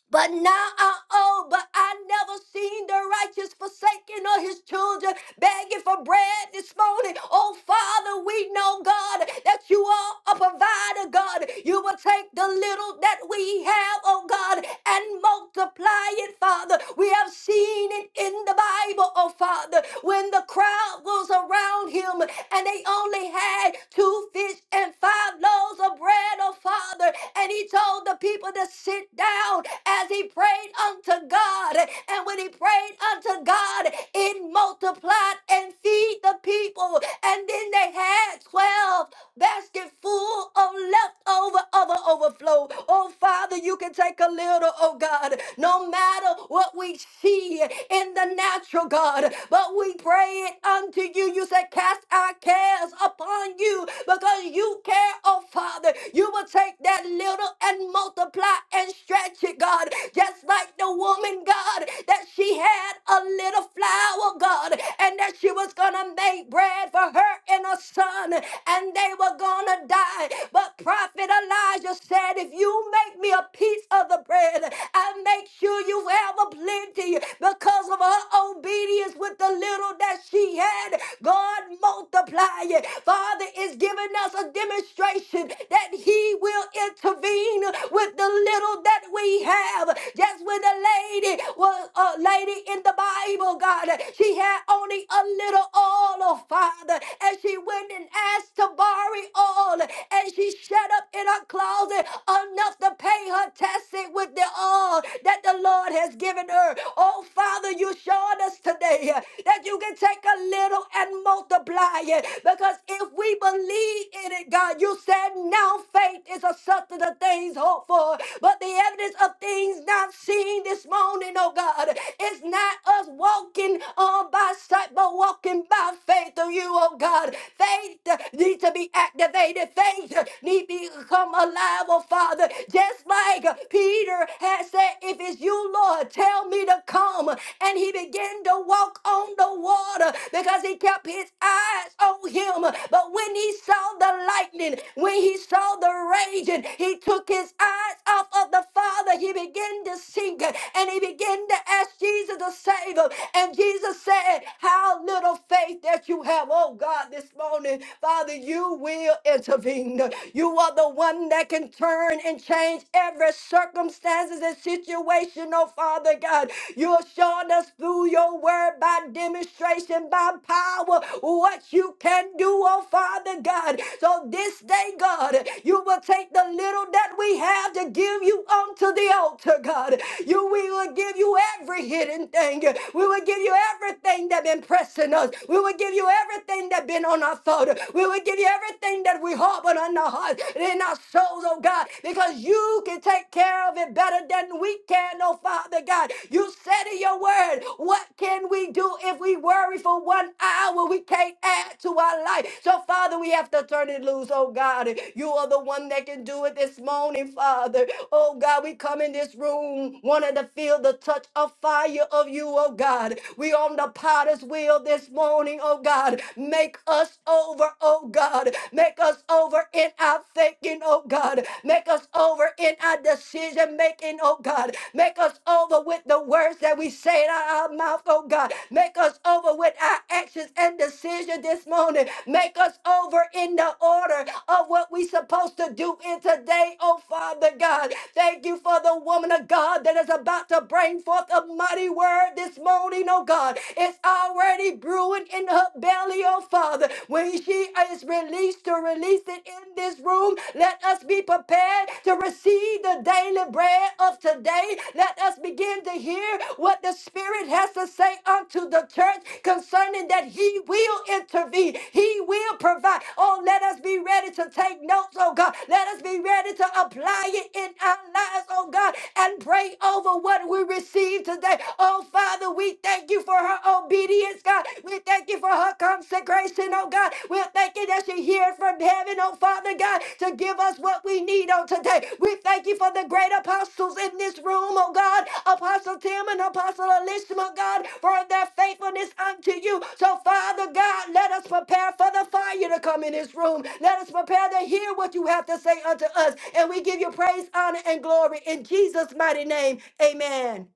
But now I own, but I never seen the righteous forsaken or his children begging for bread this morning. Oh, Father, we know, God, that you are a provider, God. You will take the little that we have, oh God, and multiply it, Father. We have seen it in the Bible, oh Father, when the crowd was around him and they only had two fish and five loaves of bread, oh Father, and he told the people to sit down as he prayed unto God. And when he prayed unto God, it multiplied and feed the people. And then they had 12 baskets full of leftover of an overflow. Oh, Father, you can take a little, oh God, no matter what we see in the natural, God. But we pray it unto you. You said, Cast our cares upon you because you you care, oh Father. You will take that little and multiply and stretch it, God. Just like the woman, God, that she had a little flour, God, and that she was going to make bread for her and her son, and they were going to die. But Prophet Elijah said, If you make me a piece of the bread, I make sure you have a plenty because of her obedience with the little that she had. God, multiply it. Father is giving us a demonstration that He will intervene with the little that we have. Just when the lady was a lady in the Bible, God, she had only a little oil, oh Father, and she went and asked to borrow oil, and she shut up in her closet enough to pay her testing with the oil that the Lord has given her. Oh Father, you're showing us today that you can take a little and multiply it. Because if we believe in it, God, you said now faith is a substance of things hoped for, but the evidence of things not seen this morning, oh God. It's not us walking on by sight, but walking by faith of you, oh God. Faith uh, needs to be activated. Faith uh, need to become alive, oh Father. Just like uh, Peter had said, if it's you, Lord, tell me to to come. And he began to walk on the water because he kept his eyes on him. But when he saw the lightning, when he saw the raging, he took his eyes off of the Father. He began to sink and he began to ask Jesus to save him. And Jesus said, How little faith that you have, oh God, this morning, Father, you will intervene. You are the one that can turn and change every circumstance circumstances and situation, oh Father God. You're showing us through your word by demonstration, by power, what you can do, oh Father God. So this day, God, you will take the little that we have to give you unto the altar, God. You we will give you every hidden thing. We will give you everything that been pressing us. We will give you everything that been on our thought. We will give you everything that we harbor on our heart and in our soul, oh God, because you can take care of it better than we can, oh Father God. You said in your word, what can we do if we worry for one hour? We can't add to our life. So, Father, we have to turn it loose, oh God. You are the one that can do it this morning, Father. Oh God, we come in this room wanting to feel the touch of fire of you, oh God. We on the potter's wheel this morning, oh God. Make us over, oh God. Make us over in our thinking, oh God. Make us over in our decision making, oh God. Make us over with the words that we say out of our mouth, oh God. Make us over with our actions and decision this morning. Make us over in the order of what we supposed to do in today, oh Father God. Thank you for the woman of God that is about to bring forth a mighty word this morning, oh God. It's already brewing in her belly family, oh Father. When she is released to release it in this room, let us be prepared to receive the daily bread of today. Let us begin to hear what the Spirit has to say unto the church concerning that He will intervene, He will provide. Oh, let us be ready ready to take notes, oh God. Let us be ready to apply it in our lives, oh God, and pray over what we receive today. Oh Father, we thank you for her obedience, God. We thank you for her consecration, oh God. We're thanking that she hears from heaven, oh Father God, to give us what we need on today. we. Thank you for the great apostles in this room, oh God. Apostle Tim and Apostle Elishma, God, for their faithfulness unto you. So, Father God, let us prepare for the fire to come in this room. Let us prepare to hear what you have to say unto us. And we give you praise, honor, and glory in Jesus' mighty name. Amen.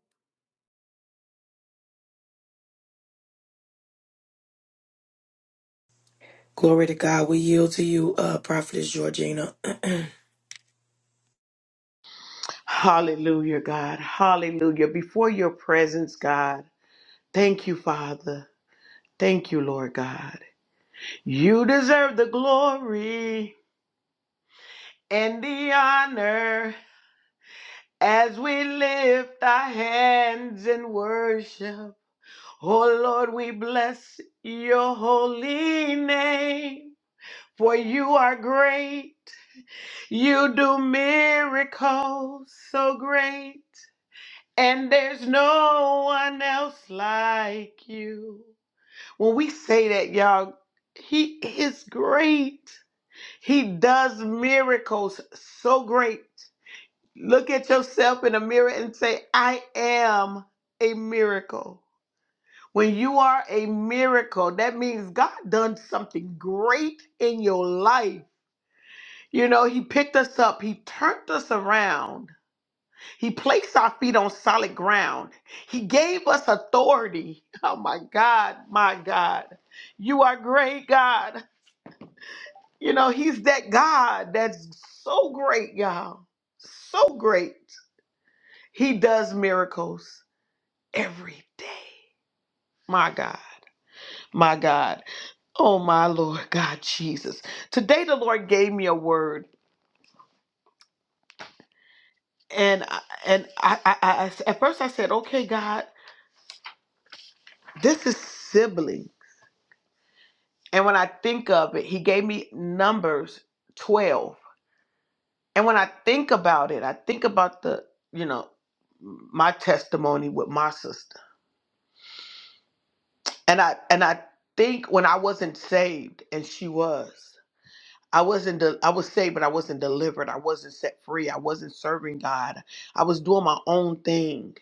Glory to God. We yield to you, uh, Prophetess Georgina. Hallelujah, God. Hallelujah. Before your presence, God. Thank you, Father. Thank you, Lord God. You deserve the glory and the honor as we lift our hands in worship. Oh, Lord, we bless your holy name, for you are great. You do miracles so great. And there's no one else like you. When we say that, y'all, he is great. He does miracles so great. Look at yourself in the mirror and say, I am a miracle. When you are a miracle, that means God done something great in your life. You know, he picked us up, he turned us around. He placed our feet on solid ground. He gave us authority. Oh my God, my God. You are great, God. You know, He's that God that's so great, y'all. So great. He does miracles every day. My God, my God. Oh my Lord, God Jesus. Today the Lord gave me a word. And I- and I, I, I at first I said, okay, God, this is sibling. And when I think of it, he gave me numbers 12. And when I think about it, I think about the, you know, my testimony with my sister. And I and I think when I wasn't saved and she was. I wasn't de- I was saved but I wasn't delivered. I wasn't set free. I wasn't serving God. I was doing my own thing.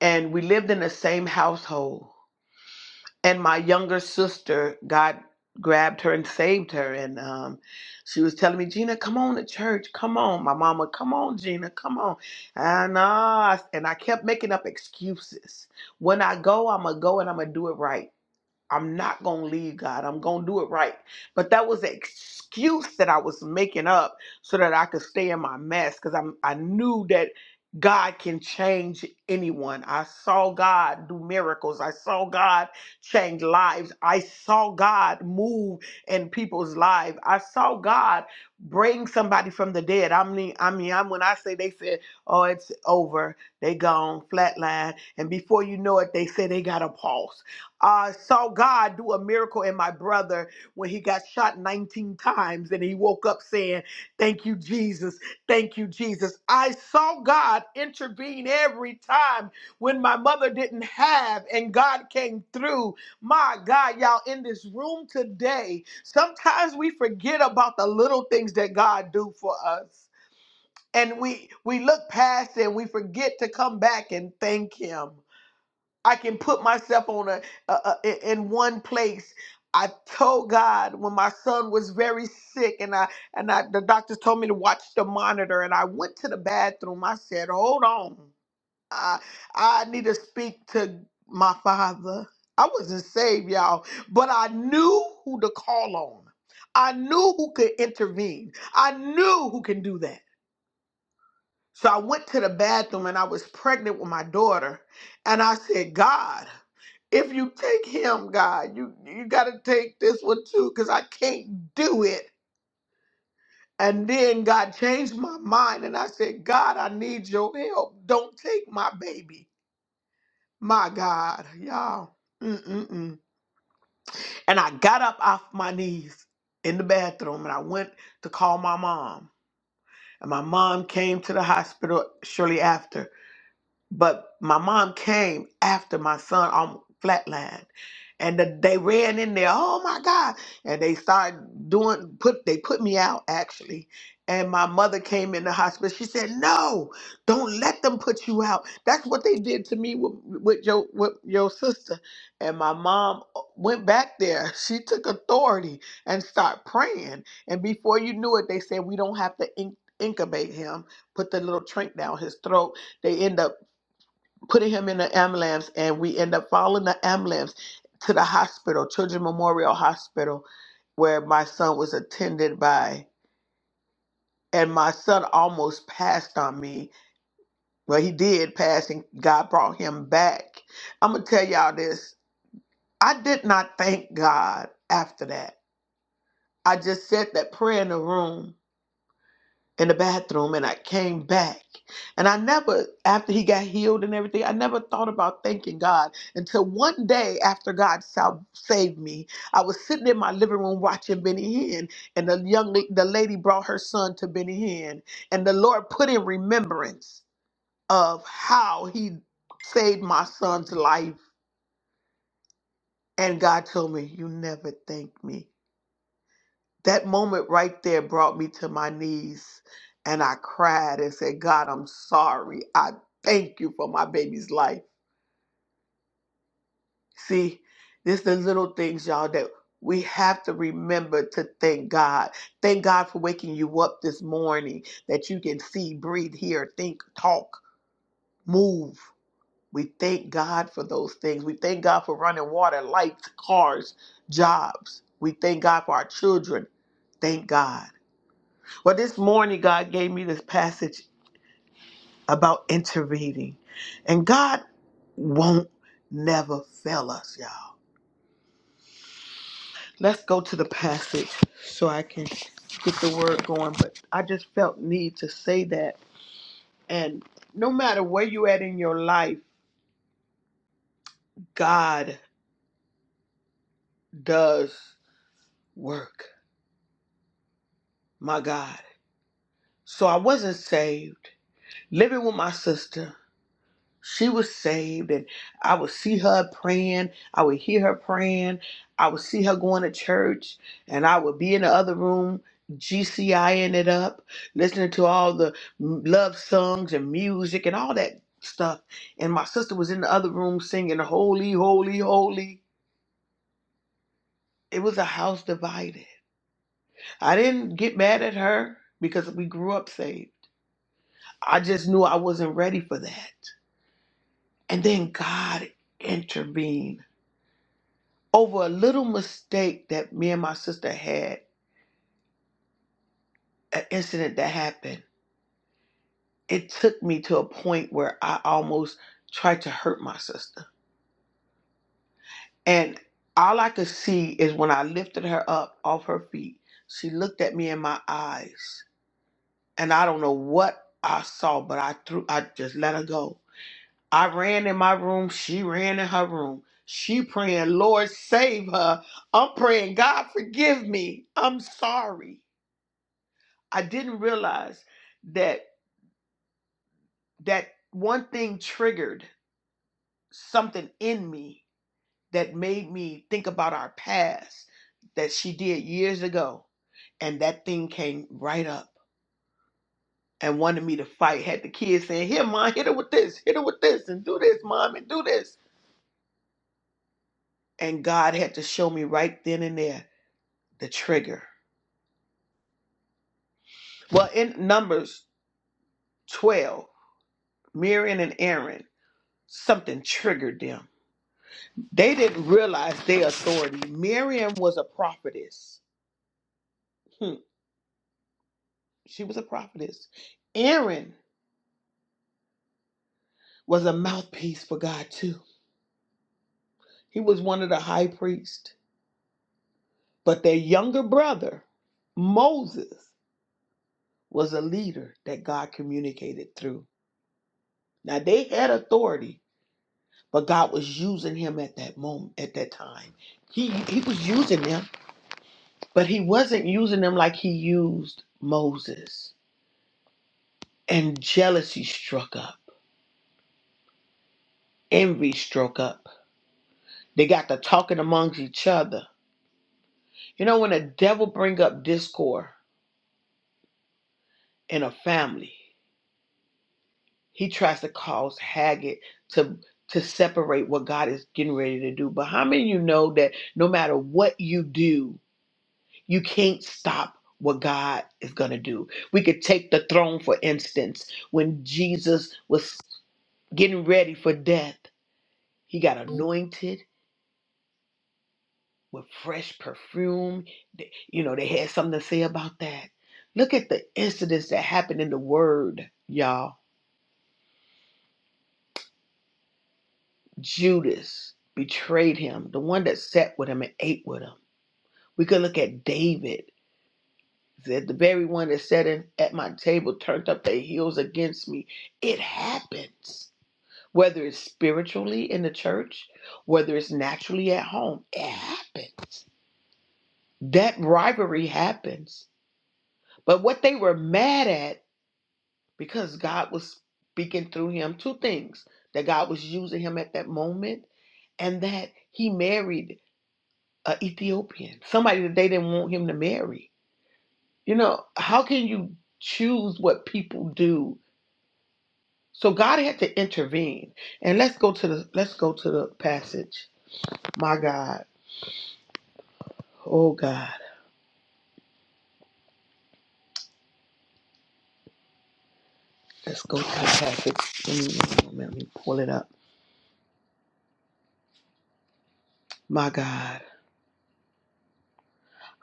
And we lived in the same household. and my younger sister god grabbed her and saved her and um, she was telling me gina come on to church come on my mama come on gina come on and, uh, and i kept making up excuses when i go i'm gonna go and i'm gonna do it right I'm not going to leave God. I'm going to do it right. But that was an excuse that I was making up so that I could stay in my mess because I'm I knew that God can change anyone. I saw God do miracles. I saw God change lives. I saw God move in people's lives. I saw God bring somebody from the dead. I mean, I mean, I'm when I say they said, "Oh, it's over. They gone flatline," and before you know it, they say they got a pulse I saw God do a miracle in my brother when he got shot 19 times and he woke up saying, Thank you, Jesus. Thank you, Jesus. I saw God intervene every time when my mother didn't have and God came through. My God, y'all, in this room today, sometimes we forget about the little things that God do for us. And we we look past it and we forget to come back and thank him. I can put myself on a a, a in one place. I told God when my son was very sick, and I and I the doctors told me to watch the monitor, and I went to the bathroom. I said, "Hold on, I I need to speak to my father." I wasn't saved, y'all, but I knew who to call on. I knew who could intervene. I knew who can do that. So I went to the bathroom and I was pregnant with my daughter. And I said, God, if you take him, God, you, you got to take this one too, because I can't do it. And then God changed my mind and I said, God, I need your help. Don't take my baby. My God, y'all. Mm-mm-mm. And I got up off my knees in the bathroom and I went to call my mom. And my mom came to the hospital shortly after But my mom came after my son on flatline. And the, they ran in there, oh my God. And they started doing put they put me out actually. And my mother came in the hospital. She said, No, don't let them put you out. That's what they did to me with, with your with your sister. And my mom uh, went back there. She took authority and started praying. And before you knew it, they said, We don't have to in- incubate him, put the little trink down his throat they end up putting him in the ambulance and we end up following the ambulance to the hospital, Children Memorial Hospital, where my son was attended by. And my son almost passed on me. Well, he did pass and God brought him back. I'm going to tell y'all this. I did not thank God after that. I just said that prayer in the room in the bathroom and I came back. And I never, after he got healed and everything, I never thought about thanking God until one day after God sal- saved me. I was sitting in my living room watching Benny Hinn, and the young la- the lady brought her son to Benny Hinn, and the Lord put in remembrance of how He saved my son's life. And God told me, "You never thank me." that moment right there brought me to my knees and I cried and said, God, I'm sorry. I thank you for my baby's life. See, this the little things, y'all, that we have to remember to thank God. Thank God for waking you up this morning that you can see, breathe, hear, think, talk, move. We thank God for those things. We thank God for running water, lights, cars, jobs. We thank God for our children. Thank God. Well, this morning, God gave me this passage about intervening. And God won't never fail us, y'all. Let's go to the passage so I can get the word going. But I just felt need to say that. And no matter where you at in your life, God does work. My God. So I wasn't saved, living with my sister. She was saved, and I would see her praying. I would hear her praying. I would see her going to church, and I would be in the other room, GCIing it up, listening to all the love songs and music and all that stuff. And my sister was in the other room singing, Holy, Holy, Holy. It was a house divided. I didn't get mad at her because we grew up saved. I just knew I wasn't ready for that. And then God intervened over a little mistake that me and my sister had, an incident that happened, it took me to a point where I almost tried to hurt my sister. And all I could see is when I lifted her up off her feet, she looked at me in my eyes. And I don't know what I saw, but I threw I just let her go. I ran in my room, she ran in her room. She praying, Lord, save her. I'm praying, God, forgive me. I'm sorry. I didn't realize that that one thing triggered something in me that made me think about our past that she did years ago. And that thing came right up and wanted me to fight. Had the kids saying, Here, mom, hit her with this, hit her with this, and do this, mom, and do this. And God had to show me right then and there the trigger. Well, in Numbers 12, Miriam and Aaron, something triggered them They didn't realize their authority. Miriam was a prophetess. Hmm, She was a prophetess. Aaron was a mouthpiece for God too. He was one of the high priests. But their younger brother, Moses, was a leader that God communicated through. Now they had authority, but God was using him at that moment, at that time. He he was using them, but he wasn't using them like he used Moses. And jealousy struck up envy stroke up. They got to talking amongst each other. You know, when the devil bring up discord in a family, he tries to cause haggard to to separate what God is getting ready to do. But how many of you know that no matter what you do, you can't stop what God is gonna do? We could take the throne for instance. When Jesus was getting ready for death, he got anointed. with fresh perfume. You know, they had something to say about that. Look at the incidents that happened in the word, y'all. Judas betrayed him, the one that sat with him and ate with him. We could look at David, said the very one that sat in, at my table turned up their heels against me. It happens. Whether it's spiritually in the church, whether it's naturally at home, it happens. That rivalry happens. But what they were mad at because God was speaking through him two things that God was using him at that moment, and that he married a Ethiopian, somebody that they didn't want him to marry. You know, how can you choose what people do? So God had to intervene. And let's go to the let's go to the passage. My God. Oh God. Let's go to the passage. Let me, one moment, let me pull it up. My God.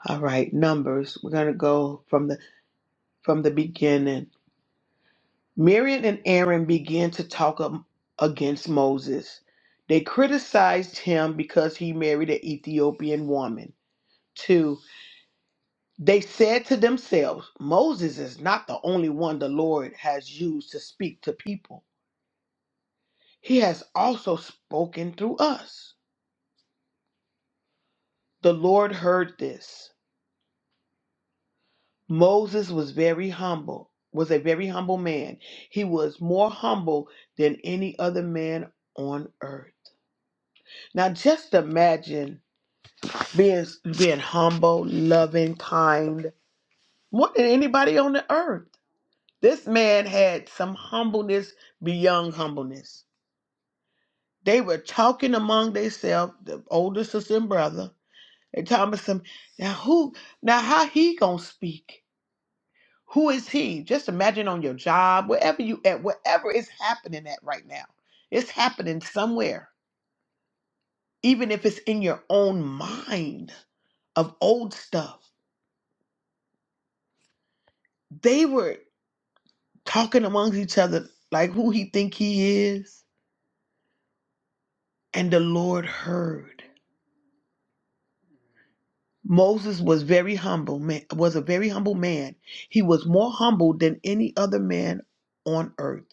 All right, numbers. We're gonna go from the from the beginning. Miriam and Aaron began to talk am- against Moses. They criticized him because he married an Ethiopian woman. Two, they said to themselves, Moses is not the only one the Lord has used to speak to people. He has also spoken through us. The Lord heard this. Moses was very humble, was a very humble man. He was more humble than any other man on earth. Now just imagine being being humble, loving, kind, more than anybody on the earth. This man had some humbleness beyond humbleness. They were talking among themselves, the older sister and brother, and Thomas some now who now how he gonna speak? Who is he? Just imagine on your job, wherever you at, whatever is happening at right now. It's happening somewhere. Even if it's in your own mind of old stuff. They were talking amongst each other like who he think he is and the lord heard moses was very humble man was a very humble man he was more humble than any other man on earth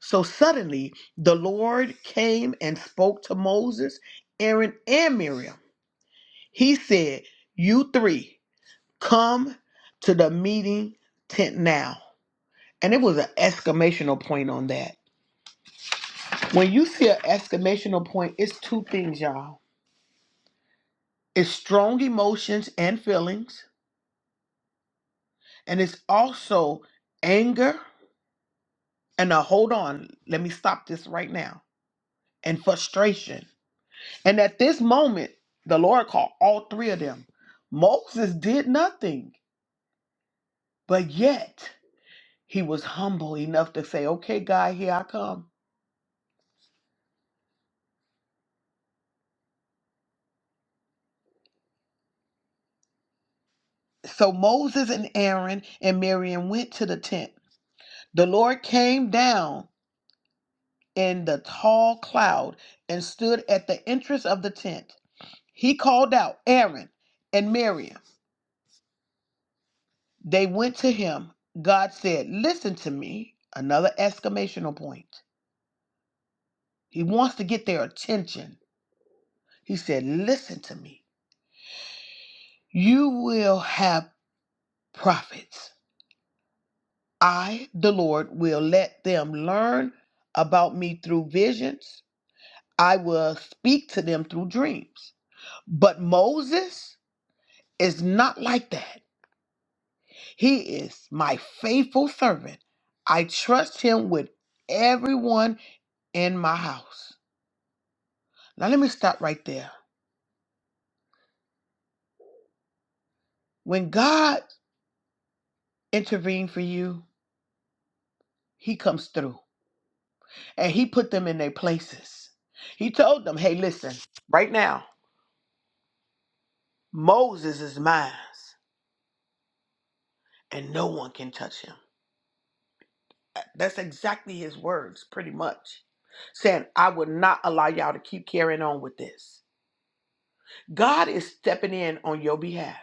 so suddenly the lord came and spoke to moses aaron and miriam he said you three come to the meeting tent now and it was an exclamational point on that when you see an exclamational point it's two things y'all It's strong emotions and feelings, and it's also anger. And now, hold on, let me stop this right now. And frustration. And at this moment, the Lord called all three of them. Moses did nothing, but yet he was humble enough to say, Okay, God, here I come. So Moses and Aaron and Miriam went to the tent. The Lord came down in the tall cloud and stood at the entrance of the tent. He called out Aaron and Miriam. They went to him. God said, Listen to me. Another exclamation point. He wants to get their attention. He said, Listen to me. You will have prophets. I, the Lord, will let them learn about me through visions. I will speak to them through dreams. But Moses is not like that. He is my faithful servant. I trust him with everyone in my house. Now, let me stop right there. When God intervened for you, he comes through and he put them in their places. He told them, hey, listen, right now, Moses is mine and no one can touch him. Uh, That's exactly his words, pretty much, saying, I would not allow y'all to keep carrying on with this. God is stepping in on your behalf.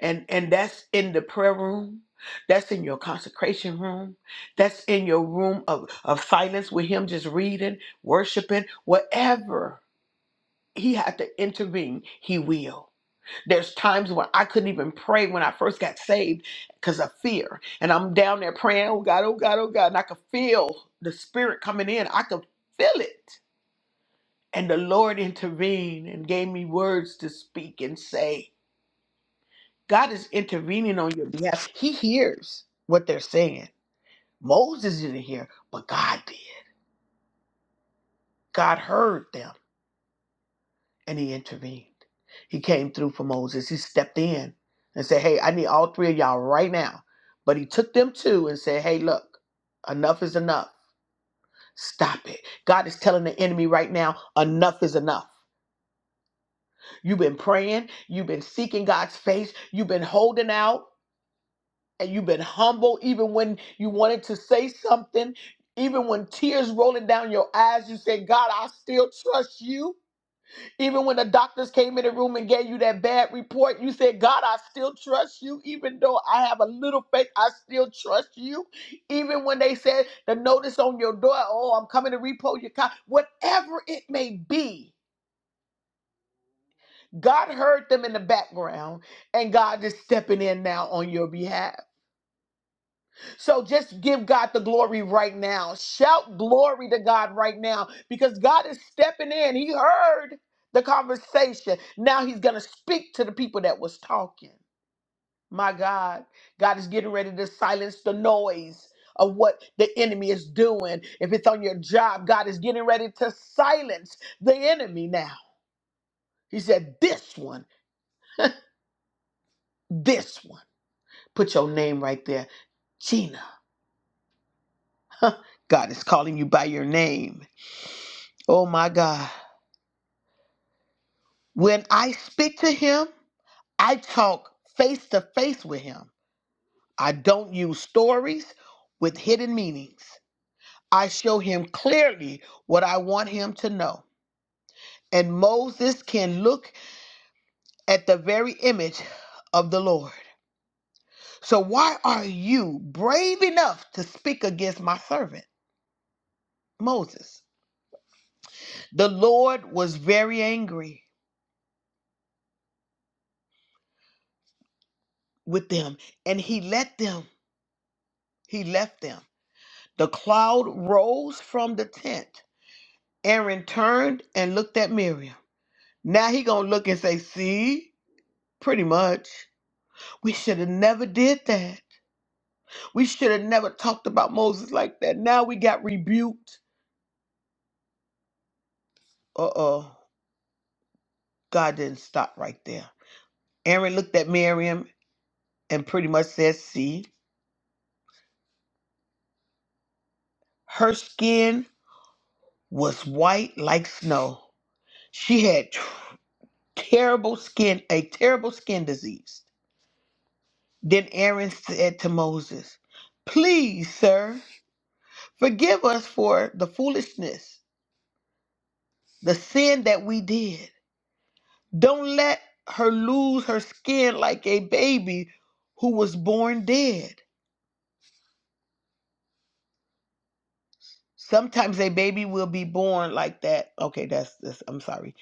and and that's in the prayer room that's in your consecration room that's in your room of, of silence with him just reading worshiping whatever he had to intervene he will there's times when I couldn't even pray when I first got saved because of fear. And I'm down there praying, oh God, oh God, oh God. And I could feel the spirit coming in. I could feel it. And the Lord intervened and gave me words to speak and say. God is intervening on your behalf. He hears what they're saying. Moses didn't hear, but God did. God heard them and he intervened. He came through for Moses. He stepped in and said, Hey, I need all three of y'all right now. But he took them two and said, Hey, look, enough is enough. Stop it. God is telling the enemy right now, enough is enough. You've been praying, you've been seeking God's face, you've been holding out. and you've been humble even when you wanted to say something even when tears rolling down your eyes you said god i still trust you even when the doctors came in the room and gave you that bad report you said god i still trust you even though i have a little faith i still trust you even when they said the notice on your door oh i'm coming to repo your car whatever it may be god heard them in the background and god is stepping in now on your behalf So just give God the glory right now. Shout glory to God right now because God is stepping in. He heard the conversation. Now he's going to speak to the people that was talking. My God, God is getting ready to silence the noise of what the enemy is doing. If it's on your job, God is getting ready to silence the enemy now. He said, This one, this one. Put your name right there. Gina, God is calling you by your name. Oh my God. When I speak to him, I talk face to face with him. I don't use stories with hidden meanings. I show him clearly what I want him to know. And Moses can look at the very image of the Lord. So, why are you brave enough to speak against my servant, Moses? The Lord was very angry with them, and he let them, he left them. The cloud rose from the tent Aaron turned and looked at Miriam. Now he gonna look and say, "See, pretty much. We should have never did that. We should have never talked about Moses like that. Now we got rebuked." Uh oh, God didn't stop right there. Aaron looked at Miriam and pretty much said, "See, her skin was white like snow. She had tr- terrible skin, a terrible skin disease." Then Aaron said to Moses, "Please, sir." Forgive us for the foolishness, the sin that we did. Don't let her lose her skin like a baby who was born dead. Sometimes a baby will be born like that. Okay, that's this. I'm sorry.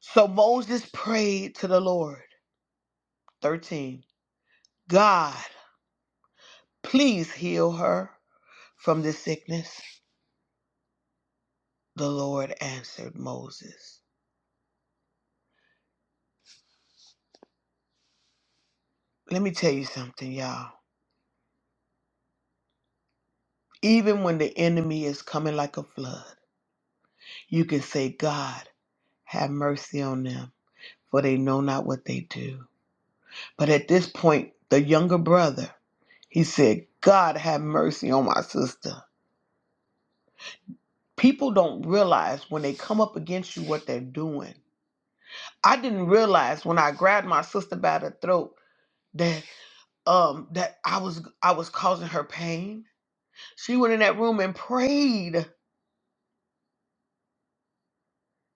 So Moses prayed to the Lord. 13. God, please heal her from this sickness. The Lord answered Moses. Let me tell you something, y'all. Even when the enemy is coming like a flood, you can say, God, Have mercy on them, for they know not what they do. But at this point, the younger brother, he said, God, have mercy on my sister. People don't realize when they come up against you what they're doing. I didn't realize when I grabbed my sister by the throat that um that I was I was causing her pain. She went in that room and prayed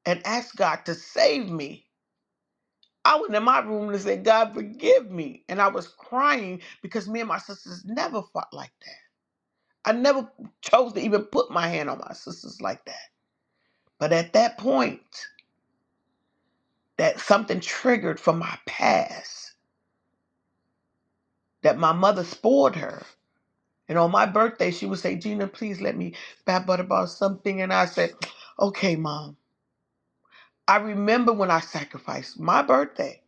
and asked God to save me. I went in my room and said, God forgive me. And I was crying because me and my sisters never fought like that. I never chose to even put my hand on my sisters like that. But at that point, that something triggered from my past that my mother spoiled her. And on my birthday, she would say, Gina, please let me bat butt about something. And I said, okay, mom. I remember when I sacrificed my birthday.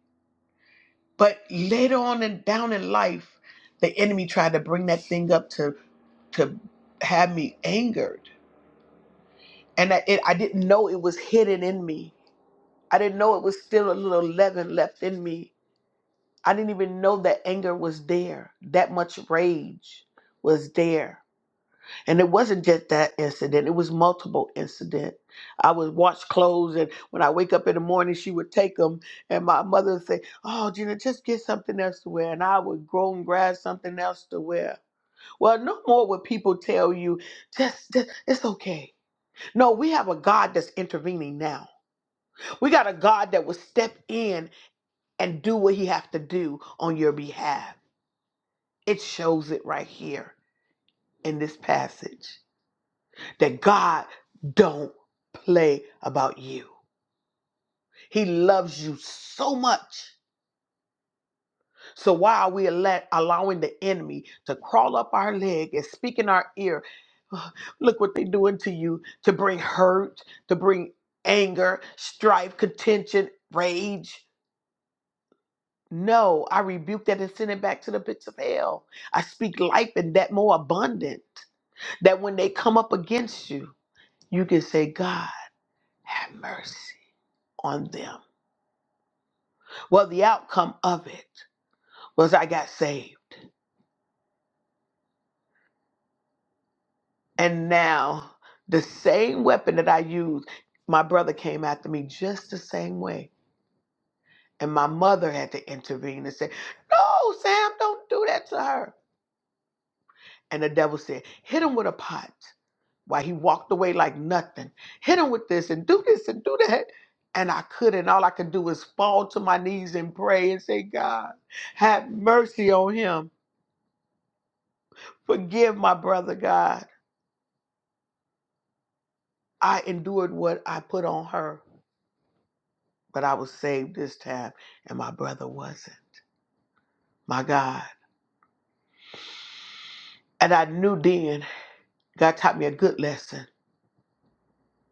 But later on and down in life, the enemy tried to bring that thing up to, to have me angered. And I- it, I didn't know it was hidden in me I didn't know it was still a little leaven left in me. I didn't even know that anger was there. That much rage was there. And it wasn't just that incident, it was multiple incidents. I would wash clothes, and when I wake up in the morning, she would take them, and my mother would say, Oh, Gina, just get something else to wear. And I would go and grab something else to wear. Well, no more would people tell you, just, just it's okay. No, we have a God that's intervening now. We got a God that will step in and do what he has to do on your behalf. It shows it right here in this passage that God don't play about you. He loves you so much. So why are we allowing the enemy to crawl up our leg and speak in our ear? Look what they're doing to you to bring hurt, to bring anger, strife, contention, rage. No, I rebuke that and send it back to the pits of hell. I speak life and that more abundant. That when they come up against you, you can say, God, have mercy on them. Well, the outcome of it was I got saved. And now the same weapon that I used, my brother came after me just the same way. And my mother had to intervene and say, No, Sam, don't do that to her. And the devil said, Hit him with a pot. Why he walked away like nothing. Hit him with this and do this and do that. And I couldn't. All I could do was fall to my knees and pray and say, God, have mercy on him. Forgive my brother, God. I endured what I put on her, but I was saved this time, and my brother wasn't. My God. And I knew then God taught me a good lesson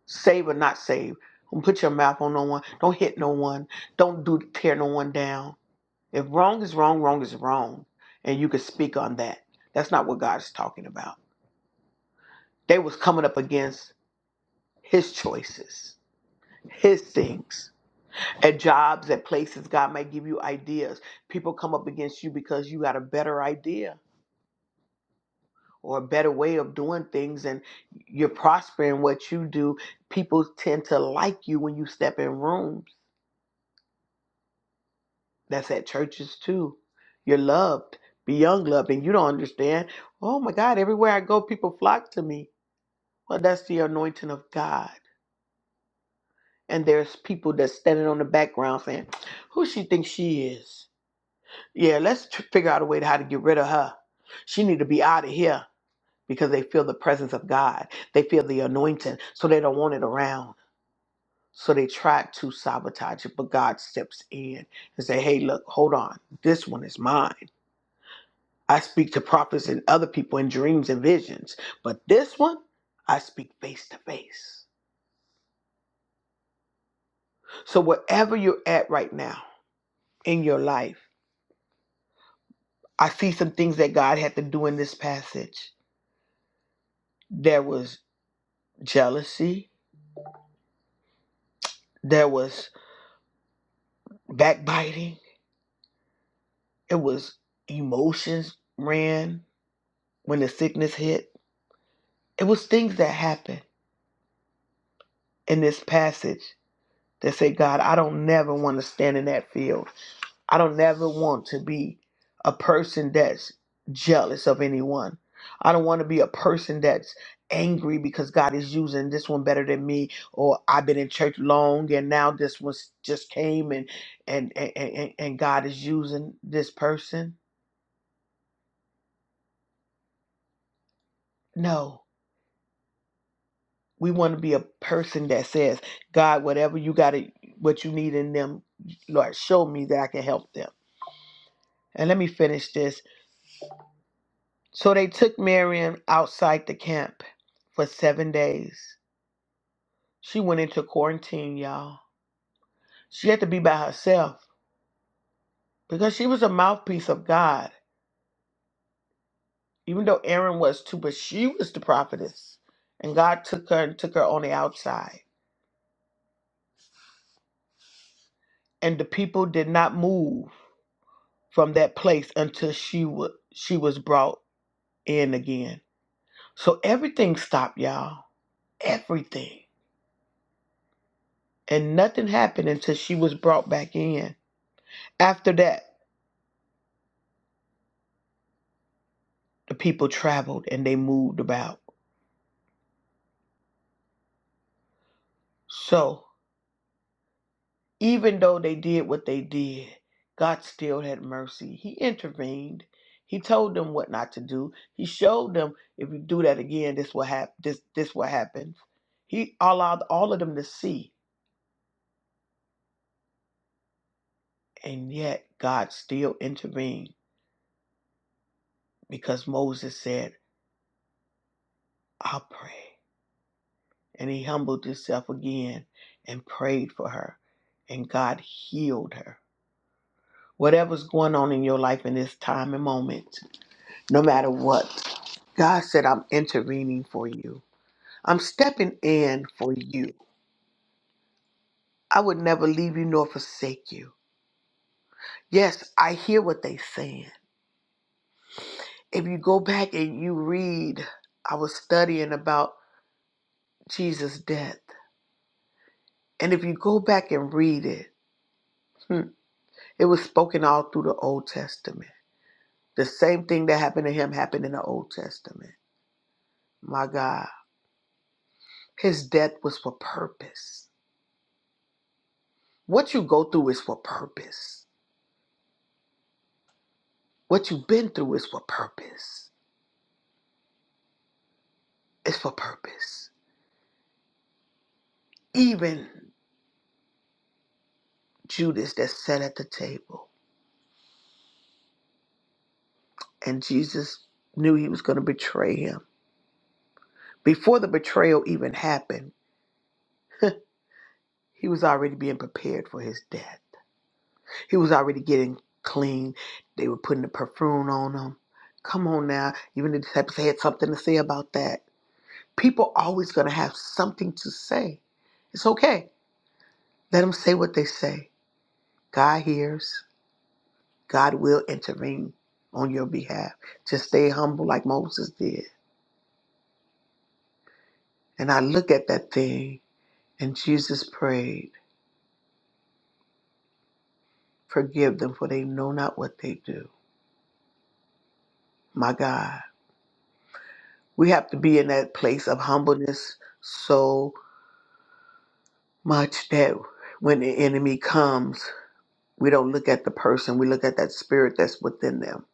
save or not save. Don't put your mouth on no one. Don't hit no one. Don't do tear no one down. If wrong is wrong, wrong is wrong, and you can speak on that. That's not what God is talking about. They was coming up against his choices, his things. At jobs, at places, God might give you ideas. People come up against you because you got a better idea or a better way of doing things and you're prospering what you do. People tend to like you when you step in rooms. That's at churches too. You're loved, beyond loved, and you don't understand. Oh my God, everywhere I go, people flock to me Well, that's the anointing of God. And there's people that's standing on the background saying, who she thinks she is? Yeah, let's tr- figure out a way to how to get rid of her. She need to be out of here because they feel the presence of God. They feel the anointing, so they don't want it around. So they try to sabotage it, but God steps in and say, hey, look, hold on. This one is mine. I speak to prophets and other people in dreams and visions, but this one, I speak face to face. So wherever you're at right now, in your life. I see some things that God had to do in this passage. There was jealousy, there was backbiting, it was emotions ran when the sickness hit. It was things that happened in this passage that said, God, I don't never want to stand in that field. I don't never want to be a person that's jealous of anyone. I don't want to be a person that's angry because God is using this one better than me, or I've been in church long and now this one just came and and and, and, and God is using this person. No, we want to be a person that says, God, whatever you got, to what you need in them, Lord, show me that I can help them. And let me finish this So they took Miriam outside the camp for seven days. She went into quarantine, y'all. She had to be by herself because she was a mouthpiece of God, even though Aaron was too, but she was the prophetess. And God took her and took her on the outside. And the people did not move from that place until she, wa she was brought in again. So everything stopped, y'all. Everything. And nothing happened until she was brought back in. After that. the people traveled and they moved about. So, even though they did what they did, God still had mercy. He intervened. He told them what not to do. He showed them if you do that again, this will happen. This this what happens. He allowed all of them to see, and yet God still intervened because Moses said, "I'll pray," and he humbled himself again and prayed for her, and God healed her Whatever's going on in your life in this time and moment, no matter what, God said, I'm intervening for you. I'm stepping in for you. I would never leave you nor forsake you. Yes, I hear what they're saying. If you go back and you read, I was studying about Jesus' death. And if you go back and read it, hmm, it was spoken all through the Old Testament. The same thing that happened to him happened in the Old Testament. My God, his death was for purpose. What you go through is for purpose. What you've been through is for purpose. It's for purpose. Even Judas that sat at the table and Jesus knew he was going to betray him. Before the betrayal even happened, he was already being prepared for his death. He was already getting clean. They were putting the perfume on him. Come on now. Even the disciples had something to say about that. People always going to have something to say. It's okay. Let them say what they say God hears, God will intervene on your behalf. Just stay humble like Moses did. And I look at that thing, and Jesus prayed, Forgive them, for they know not what they do. My God, we have to be in that place of humbleness so much that when the enemy comes, we don't look at the person, we look at that spirit that's within them.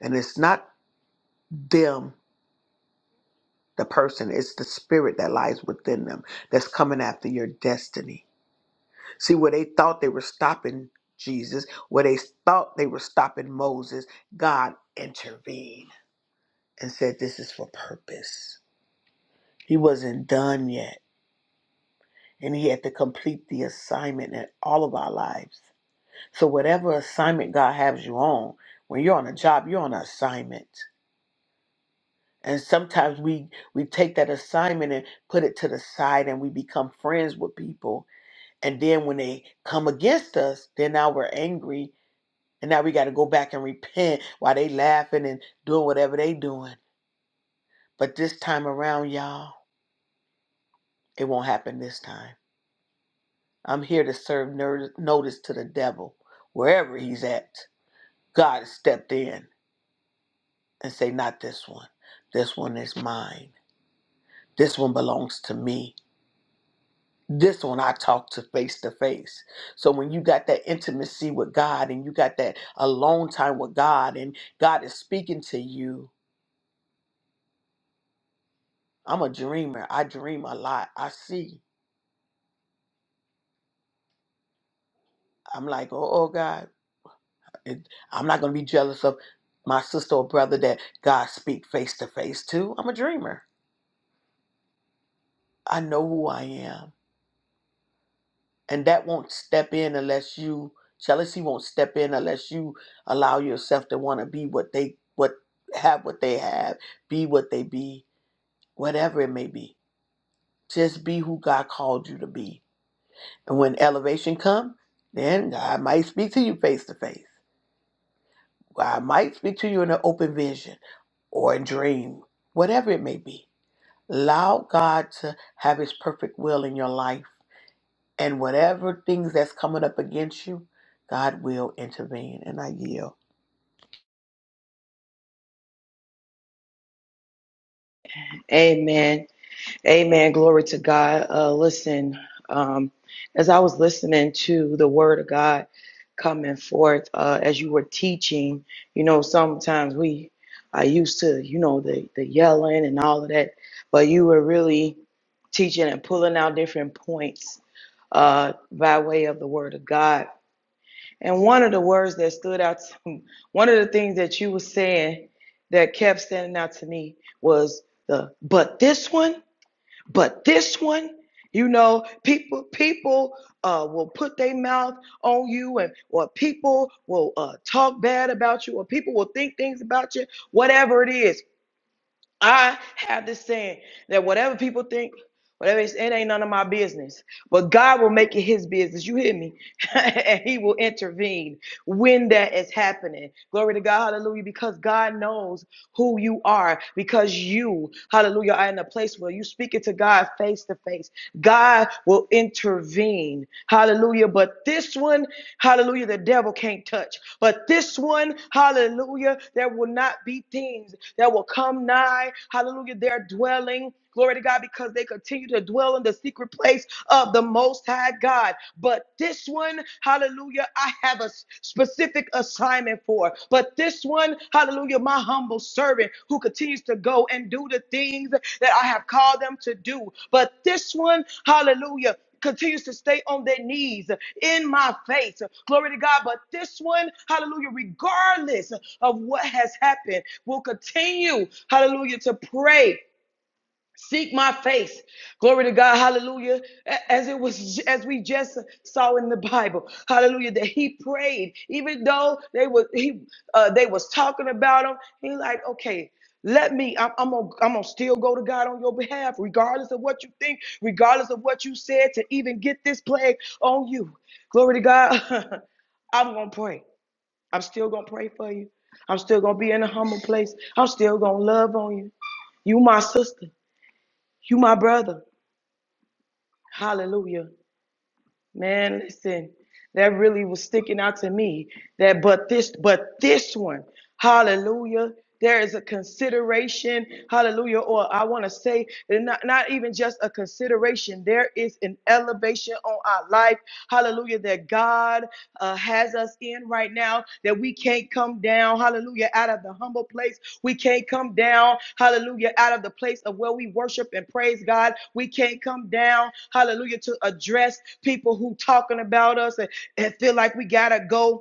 And it's not them, the person, it's the spirit that lies within them that's coming after your destiny See, where they thought they were stopping Jesus, where they thought they were stopping Moses, God intervened and said, This is for purpose. He wasn't done yet, and He had to complete the assignment in all of our lives. So, whatever assignment God has you on, when you're on a job, you're on an assignment. And sometimes we, we take that assignment and put it to the side and we become friends with people. And then when they come against us, then now we're angry And now we got to go back and repent while they laughing and doing whatever they doing. But this time around, y'all, it won't happen this time. I'm here to serve ner- notice to the devil wherever he's at. God has stepped in and say, not this one. This one is mine. This one belongs to me. This one I talk to face to face. So when you got that intimacy with God and you got that alone time with God and God is speaking to you, I'm a dreamer. I dream a lot. I see. I'm like, oh, oh God, it, I'm not going to be jealous of my sister or brother that God speak face to face to. I'm a dreamer. I know who I am, and that won't step in unless you jealousy won't step in unless you allow yourself to want to be what they what have what they have, be what they be, whatever it may be. Just be who God called you to be, and when elevation come, then God might speak to you face to face. I might speak to you in an open vision or a dream, whatever it may be. Allow God to have His perfect will in your life. And whatever things that's coming up against you, God will intervene. And I yield. Amen. Amen. Glory to God. Uh, listen, um, as I was listening to the word of God. coming forth uh, as you were teaching. You know, sometimes we are used to, you know, the, the yelling and all of that, but you were really teaching and pulling out different points uh, by way of the Word of God. And one of the words that stood out, one of the things that you were saying that kept standing out to me was the, but this one but this one, you know, people people uh, will put their mouth on you, and or people will uh, talk bad about you, or people will think things about you, whatever it is. I have this saying that whatever people think. Whatever it's it ain't none of my business. But God will make it his business. You hear me? and he will intervene when that is happening. Glory to God, hallelujah. Because God knows who you are, because you, hallelujah, are in a place where you speak it to God face to face. God will intervene. Hallelujah. But this one hallelujah, the devil can't touch. But this one, hallelujah, there will not be things that will come nigh, hallelujah, their dwelling. Glory to God, because they continue to dwell in the secret place of the Most High God. But this one, hallelujah, I have a specific assignment for. But this one, hallelujah, my humble servant who continues to go and do the things that I have called them to do. But this one, hallelujah, continues to stay on their knees in my face. Glory to God. But this one, hallelujah, regardless of what has happened, will continue, hallelujah, to pray. Seek my face. Glory to God. Hallelujah. As it was, as we just saw in the Bible. Hallelujah. That he prayed, even though they were, he, uh, they was talking about him. He like, okay, let me, I'm, I'm gonna, I'm gonna still go to God on your behalf, regardless of what you think, regardless of what you said to even get this plague on you. Glory to God. I'm gonna pray. I'm still gonna pray for you. I'm still gonna be in a humble place. I'm still gonna love on you. You my sister. You my brother. Hallelujah. Man, listen, that really was sticking out to me. That but this, but this one, hallelujah. There is a consideration, hallelujah, or I want to say not, not even just a consideration. There is an elevation on our life, hallelujah, that God, uh, has us in right now, that we can't come down, hallelujah, out of the humble place. We can't come down, hallelujah, out of the place of where we worship and praise God. We can't come down, hallelujah, to address people who talking about us and, and feel like we gotta go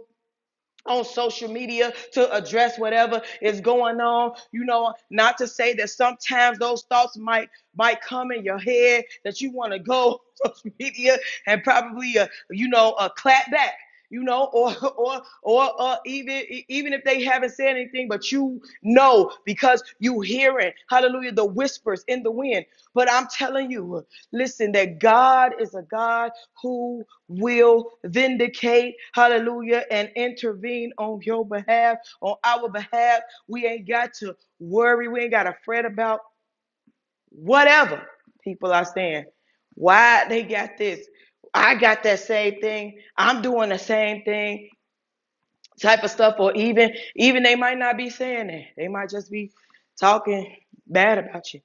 on social media to address whatever is going on you know not to say that sometimes those thoughts might might come in your head that you want to go on social media and probably uh, you know uh, clap back you know or or or uh, even e- even if they haven't said anything but you know because you hearing hallelujah the whispers in the wind but i'm telling you Listen, that God is a God who will vindicate, hallelujah, and intervene on your behalf, on our behalf. We ain't got to worry. We ain't got to fret about whatever people are saying. Why they got this? I got that same thing. I'm doing the same thing type of stuff. Or even, even they might not be saying that. They might just be talking bad about you.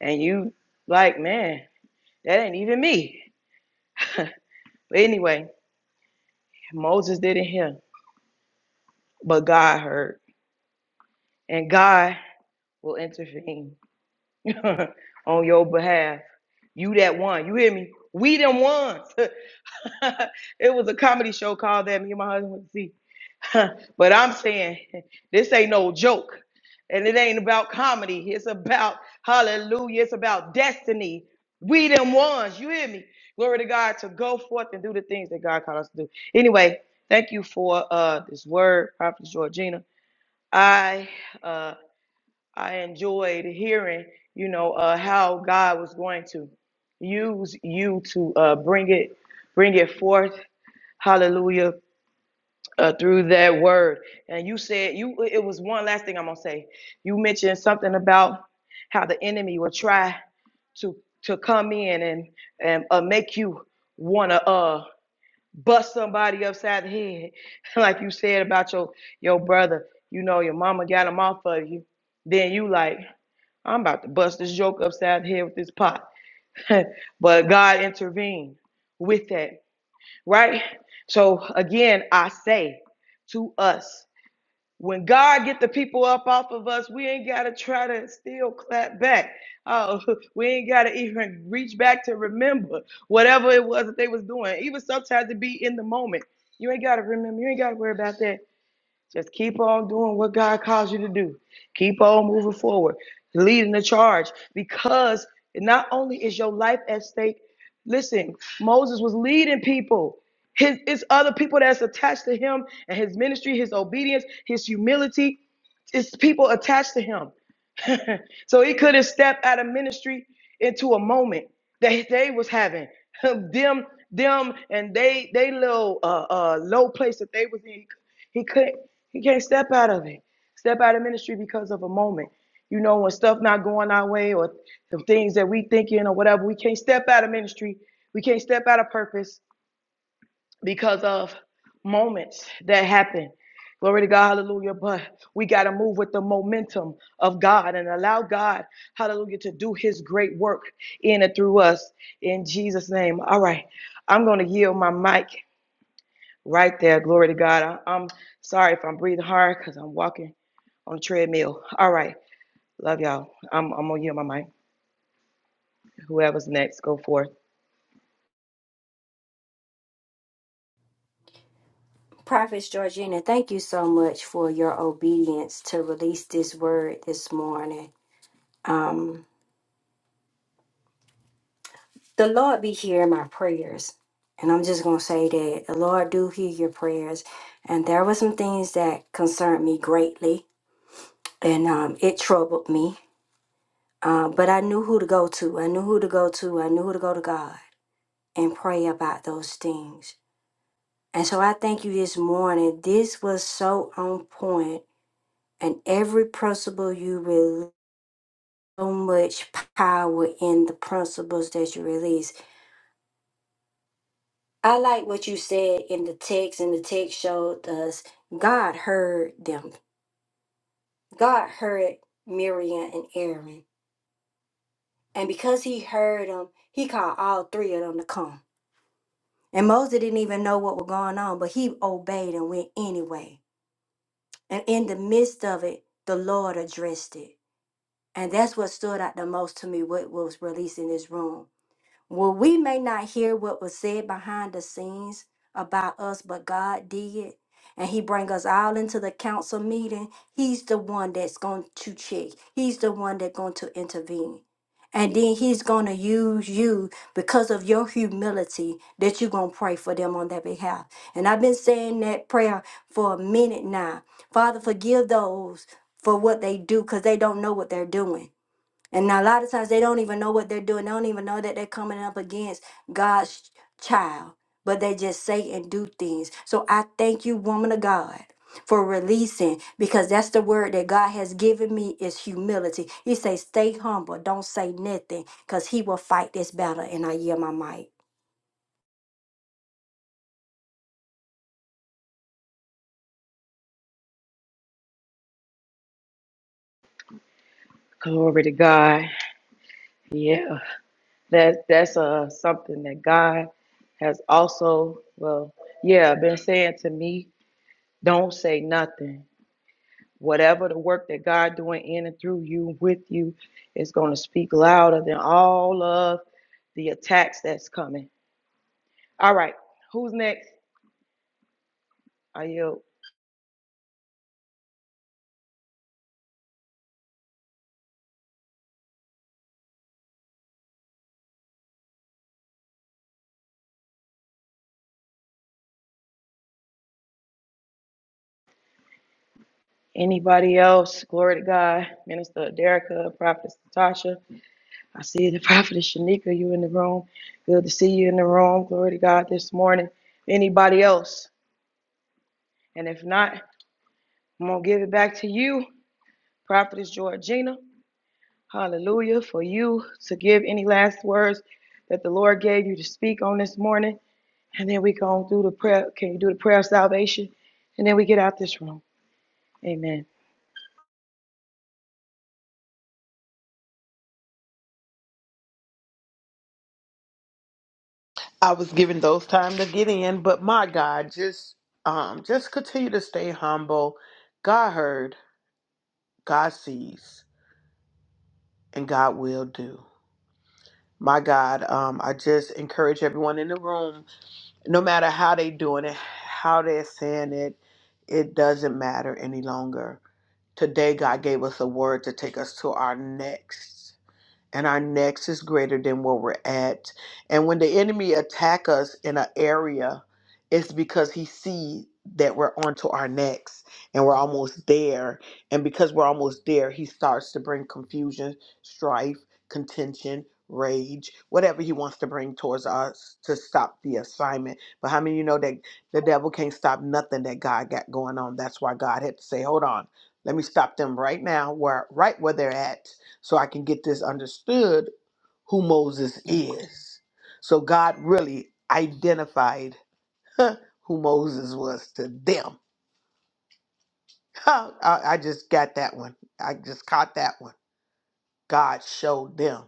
And you like, man, that ain't even me. But anyway, Moses didn't hear, but God heard, and God will intervene on your behalf. You that one, you hear me? We them ones. it was a comedy show called that me and my husband went to see. Huh, but I'm saying this ain't no joke. And it ain't about comedy. It's about hallelujah. It's about destiny. We them ones. You hear me? Glory to God to go forth and do the things that God called us to do. Anyway, thank you for uh this word, Prophet Georgina. I uh I enjoyed hearing, you know, uh how God was going to use you to uh bring it, bring it forth. Hallelujah uh, through that word. And you said you it was one last thing I'm gonna say. You mentioned something about how the enemy will try to to come in and and uh, make you wanna uh bust somebody upside the head, like you said about your your brother. You know your mama got him off of you. Then you like I'm about to bust this joke upside the head with this pot, but God intervened with that, right? So again, I say to us. When God get the people up off of us, we ain't gotta try to still clap back. Oh, we ain't gotta even reach back to remember whatever it was that they was doing. Even sometimes it be in the moment. You ain't gotta remember. You ain't gotta worry about that. Just keep on doing what God calls you to do. Keep on moving forward, leading the charge because not only is your life at stake, listen, Moses was leading people. His, it's other people that's attached to him and his ministry, his obedience, his humility. It's people attached to him. so he could have stepped out of ministry into a moment that they was having. them, them, and they they little uh, uh low place that they was in. He couldn't he can't step out of it. Step out of ministry because of a moment. You know, when stuff not going our way or the things that we thinking or whatever, we can't step out of ministry. We can't step out of purpose because of moments that happen. Glory to God, hallelujah. But we got to move with the momentum of God and allow God, hallelujah, to do his great work in and through us in Jesus' name. All right, I'm going to yield my mic right there. Glory to God. I, am sorry if I'm breathing hard because I'm walking on a treadmill. All right, love y'all. I'm, I'm going to yield my mic. Whoever's next, go forth. Prophet Georgina, thank you so much for your obedience to release this word this morning. the Lord be hearing my prayers. And I'm just gonna say that the Lord do hear your prayers. And there were some things that concerned me greatly, and um, it troubled me. Um, but I knew who to go to. I knew who to go to. I knew who to go to God and pray about those things. And so I thank you this morning. This was so on point, and every principle you release, so much power in the principles that you release. I like what you said in the text, and the text showed us God heard them. God heard Miriam and Aaron. And because he heard them, he called all three of them to come. And Moses didn't even know what was going on, but he obeyed and went anyway. And in the midst of it, the Lord addressed it. And that's what stood out the most to me, what was released in this room. Well, we may not hear what was said behind the scenes about us, but God did. And he bring us all into the council meeting. He's the one that's going to check. He's the one that's going to intervene. And then he's going to use you because of your humility that you're going to pray for them on their behalf. And I've been saying that prayer for a minute now. Father, forgive those for what they do because they don't know what they're doing. And now a lot of times they don't even know what they're doing. They don't even know that they're coming up against God's child, but they just say and do things. So I thank you, woman of God. For releasing, because that's the word that God has given me is humility. He says, "Stay humble, don't say nothing, because He will fight this battle." And I yield my mic. Glory to God. Yeah. That that's uh something that God has also well yeah been saying to me. Don't say nothing. Whatever the work that God doing in and through you with you is going to speak louder than all of the attacks that's coming. All right, who's next? Are you anybody else? Glory to God, Minister Derica, Prophet Natasha. I see the Prophet Shanika. You in the room? Good to see you in the room. Glory to God this morning. Anybody else? And if not, I'm going to give it back to you, Prophetess Georgina. Hallelujah. For you to give any last words that the Lord gave you to speak on this morning. And then we go through the prayer. Can you do the prayer of salvation? And then we get out this room. Amen. I was given those time to get in, but my God, just um, just continue to stay humble. God heard, God sees, and God will do. My God, um, I just encourage everyone in the room no matter how they doing it, how they're saying it, it doesn't matter any longer. Today, God gave us a word to take us to our next and our next is greater than where we're at. And when the enemy attack us in an area, it's because he see that we're onto our next and we're almost there. And because we're almost there, he starts to bring confusion, strife, contention, rage, whatever he wants to bring towards us to stop the assignment. But how many of you know that the devil can't stop nothing that God got going on? That's why God had to say, Hold on, let me stop them right now where right where they're at so I can get this understood who Moses is. So God really identified who Moses was to them. I, I just got that one. I just caught that one. God showed them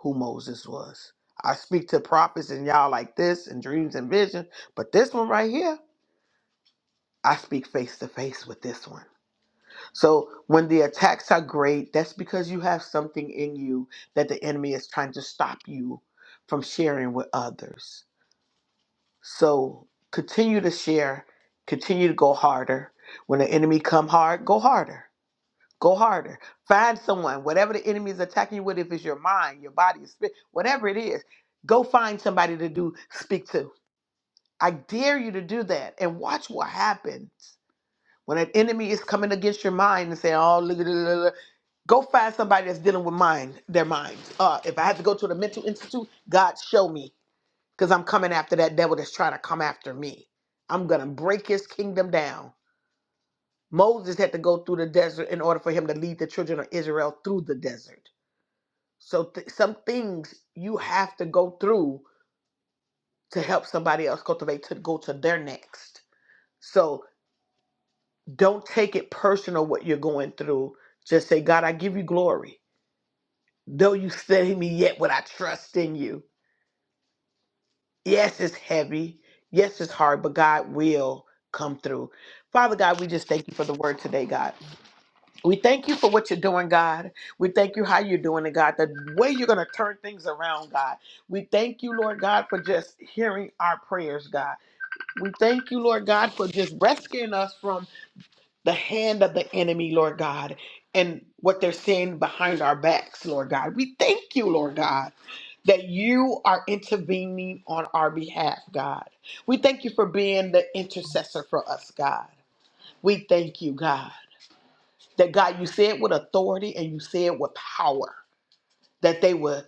who Moses was. I speak to prophets and y'all like this and dreams and visions, but this one right here, I speak face to face with this one. So when the attacks are great, that's because you have something in you that the enemy is trying to stop you from sharing with others. So continue to share, continue to go harder. When the enemy come hard, go harder. Go harder. Find someone, whatever the enemy is attacking you with, if it's your mind, your body, your spirit, whatever it is, go find somebody to do speak to. I dare you to do that and watch what happens. When an enemy is coming against your mind and saying, oh, look at it, go find somebody that's dealing with mind their mind uh if i have to go to the mental institute god show me because i'm coming after that devil that's trying to come after me i'm gonna break his kingdom down moses had to go through the desert in order for him to lead the children of israel through the desert so th- some things you have to go through to help somebody else cultivate to go to their next so don't take it personal what you're going through just say god i give you glory though you slay me yet would i trust in you Yes, it's heavy. Yes, it's hard, but God will come through. Father God, we just thank you for the word today, God. We thank you for what you're doing, God. We thank you how you're doing it, God, the way you're going to turn things around, God. We thank you, Lord God, for just hearing our prayers, God. We thank you, Lord God, for just rescuing us from the hand of the enemy, Lord God, and what they're saying behind our backs, Lord God. We thank you, Lord God, that you are intervening on our behalf, God. We thank you for being the intercessor for us, God. We thank you, God, that God, you said with authority and you said with power that they would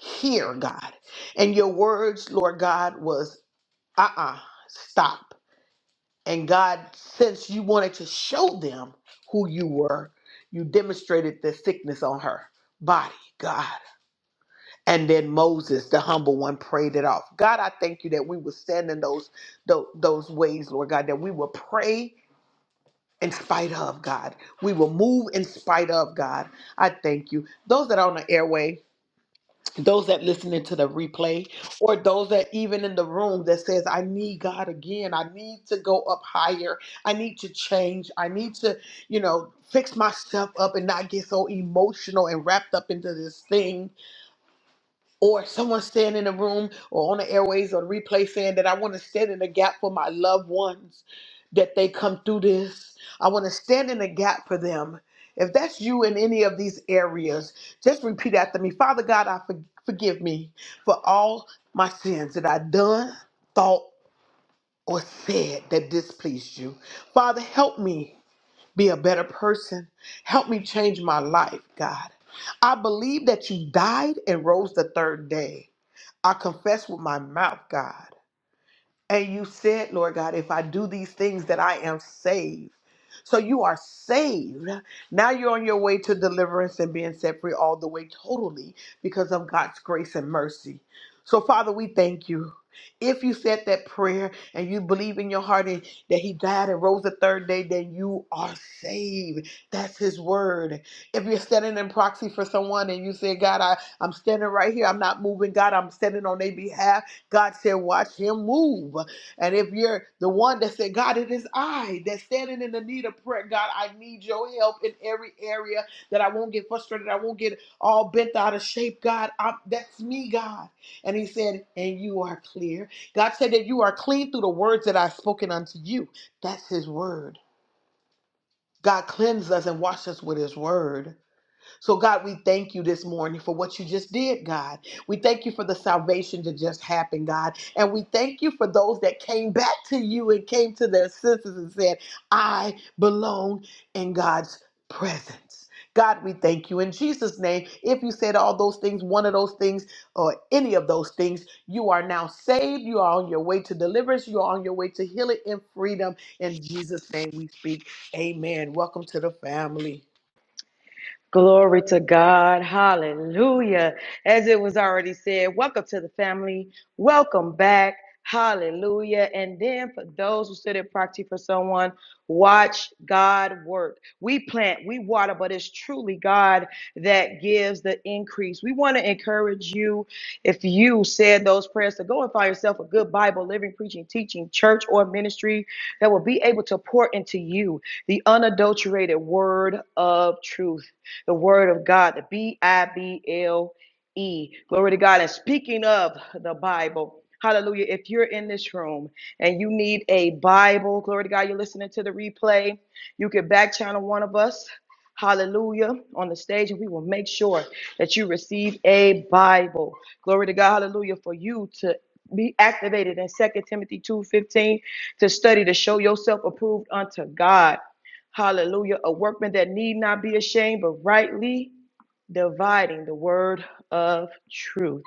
hear, God. And your words, Lord God, was uh uh stop. And God, since you wanted to show them who you were, you demonstrated the sickness on her body, God. And then Moses, the humble one, prayed it off. God, I thank you that we would stand in those, those, those ways, Lord God, that we will pray in spite of God. We will move in spite of God. I thank you. Those that are on the airway, those that listening to the replay or those that even in the room that says i need god again i need to go up higher i need to change i need to you know fix myself up and not get so emotional and wrapped up into this thing or someone staying in the room or on the airways or the replay saying that I want to stand in the gap for my loved ones, that they come through this. I want to stand in the gap for them. If that's you in any of these areas, just repeat after me. Father God, I for- forgive me for all my sins that I done, thought, or said that displeased you. Father, help me be a better person. Help me change my life, God. I believe that you died and rose the third day. I confess with my mouth, God. And you said, Lord God, if I do these things, that I am saved. So you are saved. Now you're on your way to deliverance and being set free all the way totally because of God's grace and mercy. So, Father, we thank you. If you said that prayer and you believe in your heart and that He died and rose the third day, then you are saved. That's His word. If you're standing in proxy for someone and you say, God, I, I'm standing right here, I'm not moving, God, I'm standing on their behalf. God said, Watch him move. And if you're the one that said, God, it is I that's standing in the need of prayer, God, I need your help in every area that I won't get frustrated. I won't get all bent out of shape, God. I, that's me, God. And he said, And you are clear. God said that you are clean through the words that I've spoken unto you. That's his word. God cleansed us and washed us with his word. So, God, we thank you this morning for what you just did, God. We thank you for the salvation that just happened, God. And we thank you for those that came back to you and came to their senses and said, I belong in God's presence. God, we thank you in Jesus' name. If you said all those things, one of those things, or any of those things, you are now saved. You are on your way to deliverance. You are on your way to healing and freedom. In Jesus' name we speak. Amen. Welcome to the family. Glory to God. Hallelujah. As it was already said, welcome to the family. Welcome back. Hallelujah. And then for those who stood in proxy for someone, watch God work. We plant, we water, but it's truly God that gives the increase. We want to encourage you, if you said those prayers, to go and find yourself a good Bible, living, preaching, teaching, church, or ministry that will be able to pour into you the unadulterated word of truth the word of God, the B I B L E. Glory to God. And speaking of the Bible, hallelujah. If you're in this room and you need a Bible, glory to God, you're listening to the replay, you can back channel one of us. Hallelujah on the stage, and we will make sure that you receive a Bible. Glory to God, hallelujah, for you to be activated in Second Timothy 2:15 to study to show yourself approved unto God. Hallelujah. A workman that need not be ashamed, but rightly dividing the word of truth.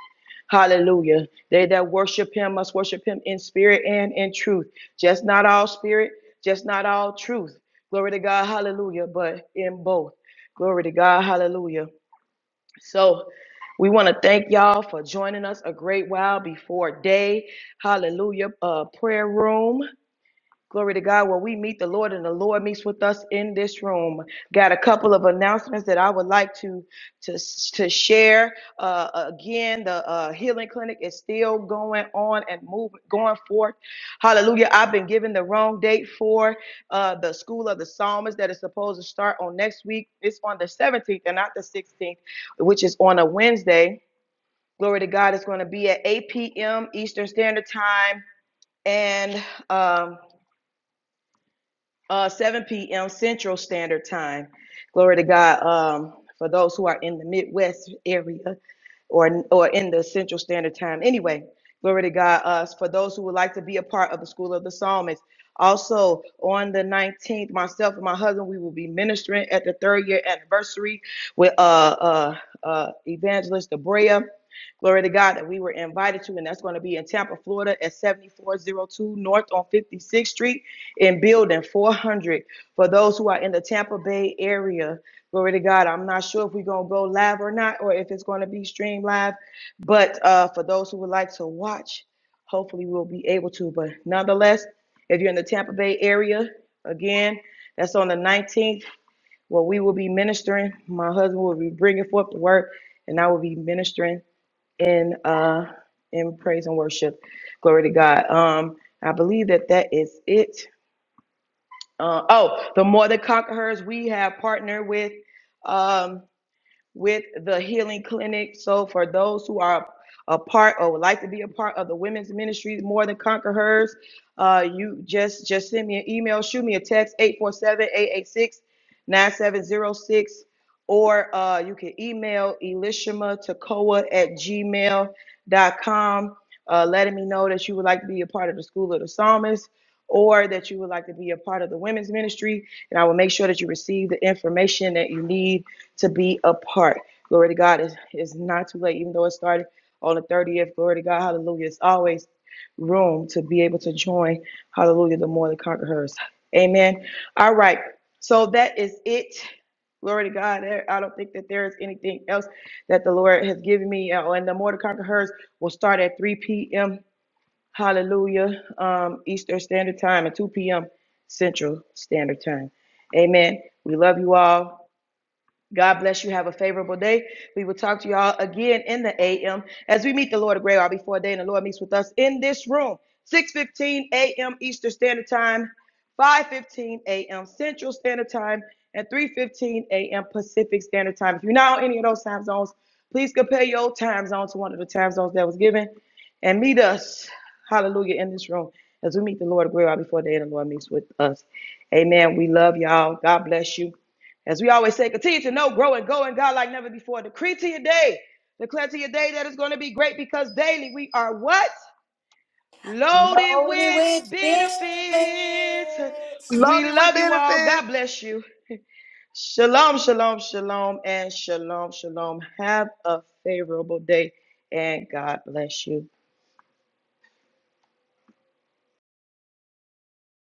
Hallelujah. They that worship him must worship him in spirit and in truth. Just not all spirit, just not all truth. Glory to God. Hallelujah. But in both. Glory to God. Hallelujah. So we want to thank y'all for joining us a great while before day. Hallelujah. Uh, prayer room. Glory to God. Well, we meet the Lord and the Lord meets with us in this room. Got a couple of announcements that I would like to to, to share. Uh, again, the uh, healing clinic is still going on and moving, going forth. Hallelujah. I've been given the wrong date for uh, the School of the Psalmist that is supposed to start on next week. It's on the 17th and not the 16th, which is on a Wednesday. Glory to God. It's going to be at 8 p.m. Eastern Standard Time. And um, uh, 7 p.m. Central Standard Time. Glory to God. Um, for those who are in the Midwest area or or in the Central Standard Time. Anyway, glory to God. Uh, for those who would like to be a part of the School of the Psalmist. Also on the 19th, myself and my husband, we will be ministering at the third year anniversary with uh uh uh evangelist Abrea. Glory to God that we were invited to, and that's going to be in Tampa, Florida at 7402 North on 56th Street in building 400 for those who are in the Tampa Bay area. Glory to God. I'm not sure if we're going to go live or not, or if it's going to be streamed live. But uh, for those who would like to watch, hopefully we'll be able to. But nonetheless, if you're in the Tampa Bay area, again, that's on the 19th, where we will be ministering. My husband will be bringing forth the word, and I will be ministering in uh, in praise and worship. Glory to God. Um, I believe that that is it uh, oh, the More Than Conquerors we have partnered with. Um, with the healing clinic. So for those who are a part or would like to be a part of the women's ministry, more than conquer hers, uh, you just just send me an email, shoot me a text eight four seven eight eight six nine seven zero six, or uh, you can email elishama tacoa at gmail.com uh, letting me know that you would like to be a part of the school of the psalmist or that you would like to be a part of the women's ministry and i will make sure that you receive the information that you need to be a part. Glory to God. It's, it's not too late, even though it started on the 30th. Glory to God. Hallelujah. It's always room to be able to join. Hallelujah. The more the conquerors. Amen. All right. So that is it. Glory to God. I don't think that there is anything else that the Lord has given me. Uh, And the more the conquerors will start at 3 p.m. Hallelujah. Um, Eastern Standard Time and 2 p.m. Central Standard Time. Amen. We love you all. God bless you. Have a favorable day. We will talk to y'all again in the AM as we meet the Lord of Gray Hour before day, and the Lord meets with us in this room, 6:15 a.m. Eastern Standard Time, 5:15 a.m. Central Standard Time, and 3:15 a.m. Pacific Standard Time. If you're not on any of those time zones, please compare your time zone to one of the time zones that was given, and meet us, Hallelujah, in this room as we meet the Lord of Gray Hour before day, and the Lord meets with us. Amen. We love y'all. God bless you. As we always say, continue to know, grow, and go in God like never before. Decree to your day. Declare to your day that it's going to be great because daily we are what? Loaded Loaded with with benefits. benefits. We Loaded with love you all. benefits. God bless you. Shalom, shalom, shalom, and shalom, shalom. Have a favorable day and God bless you.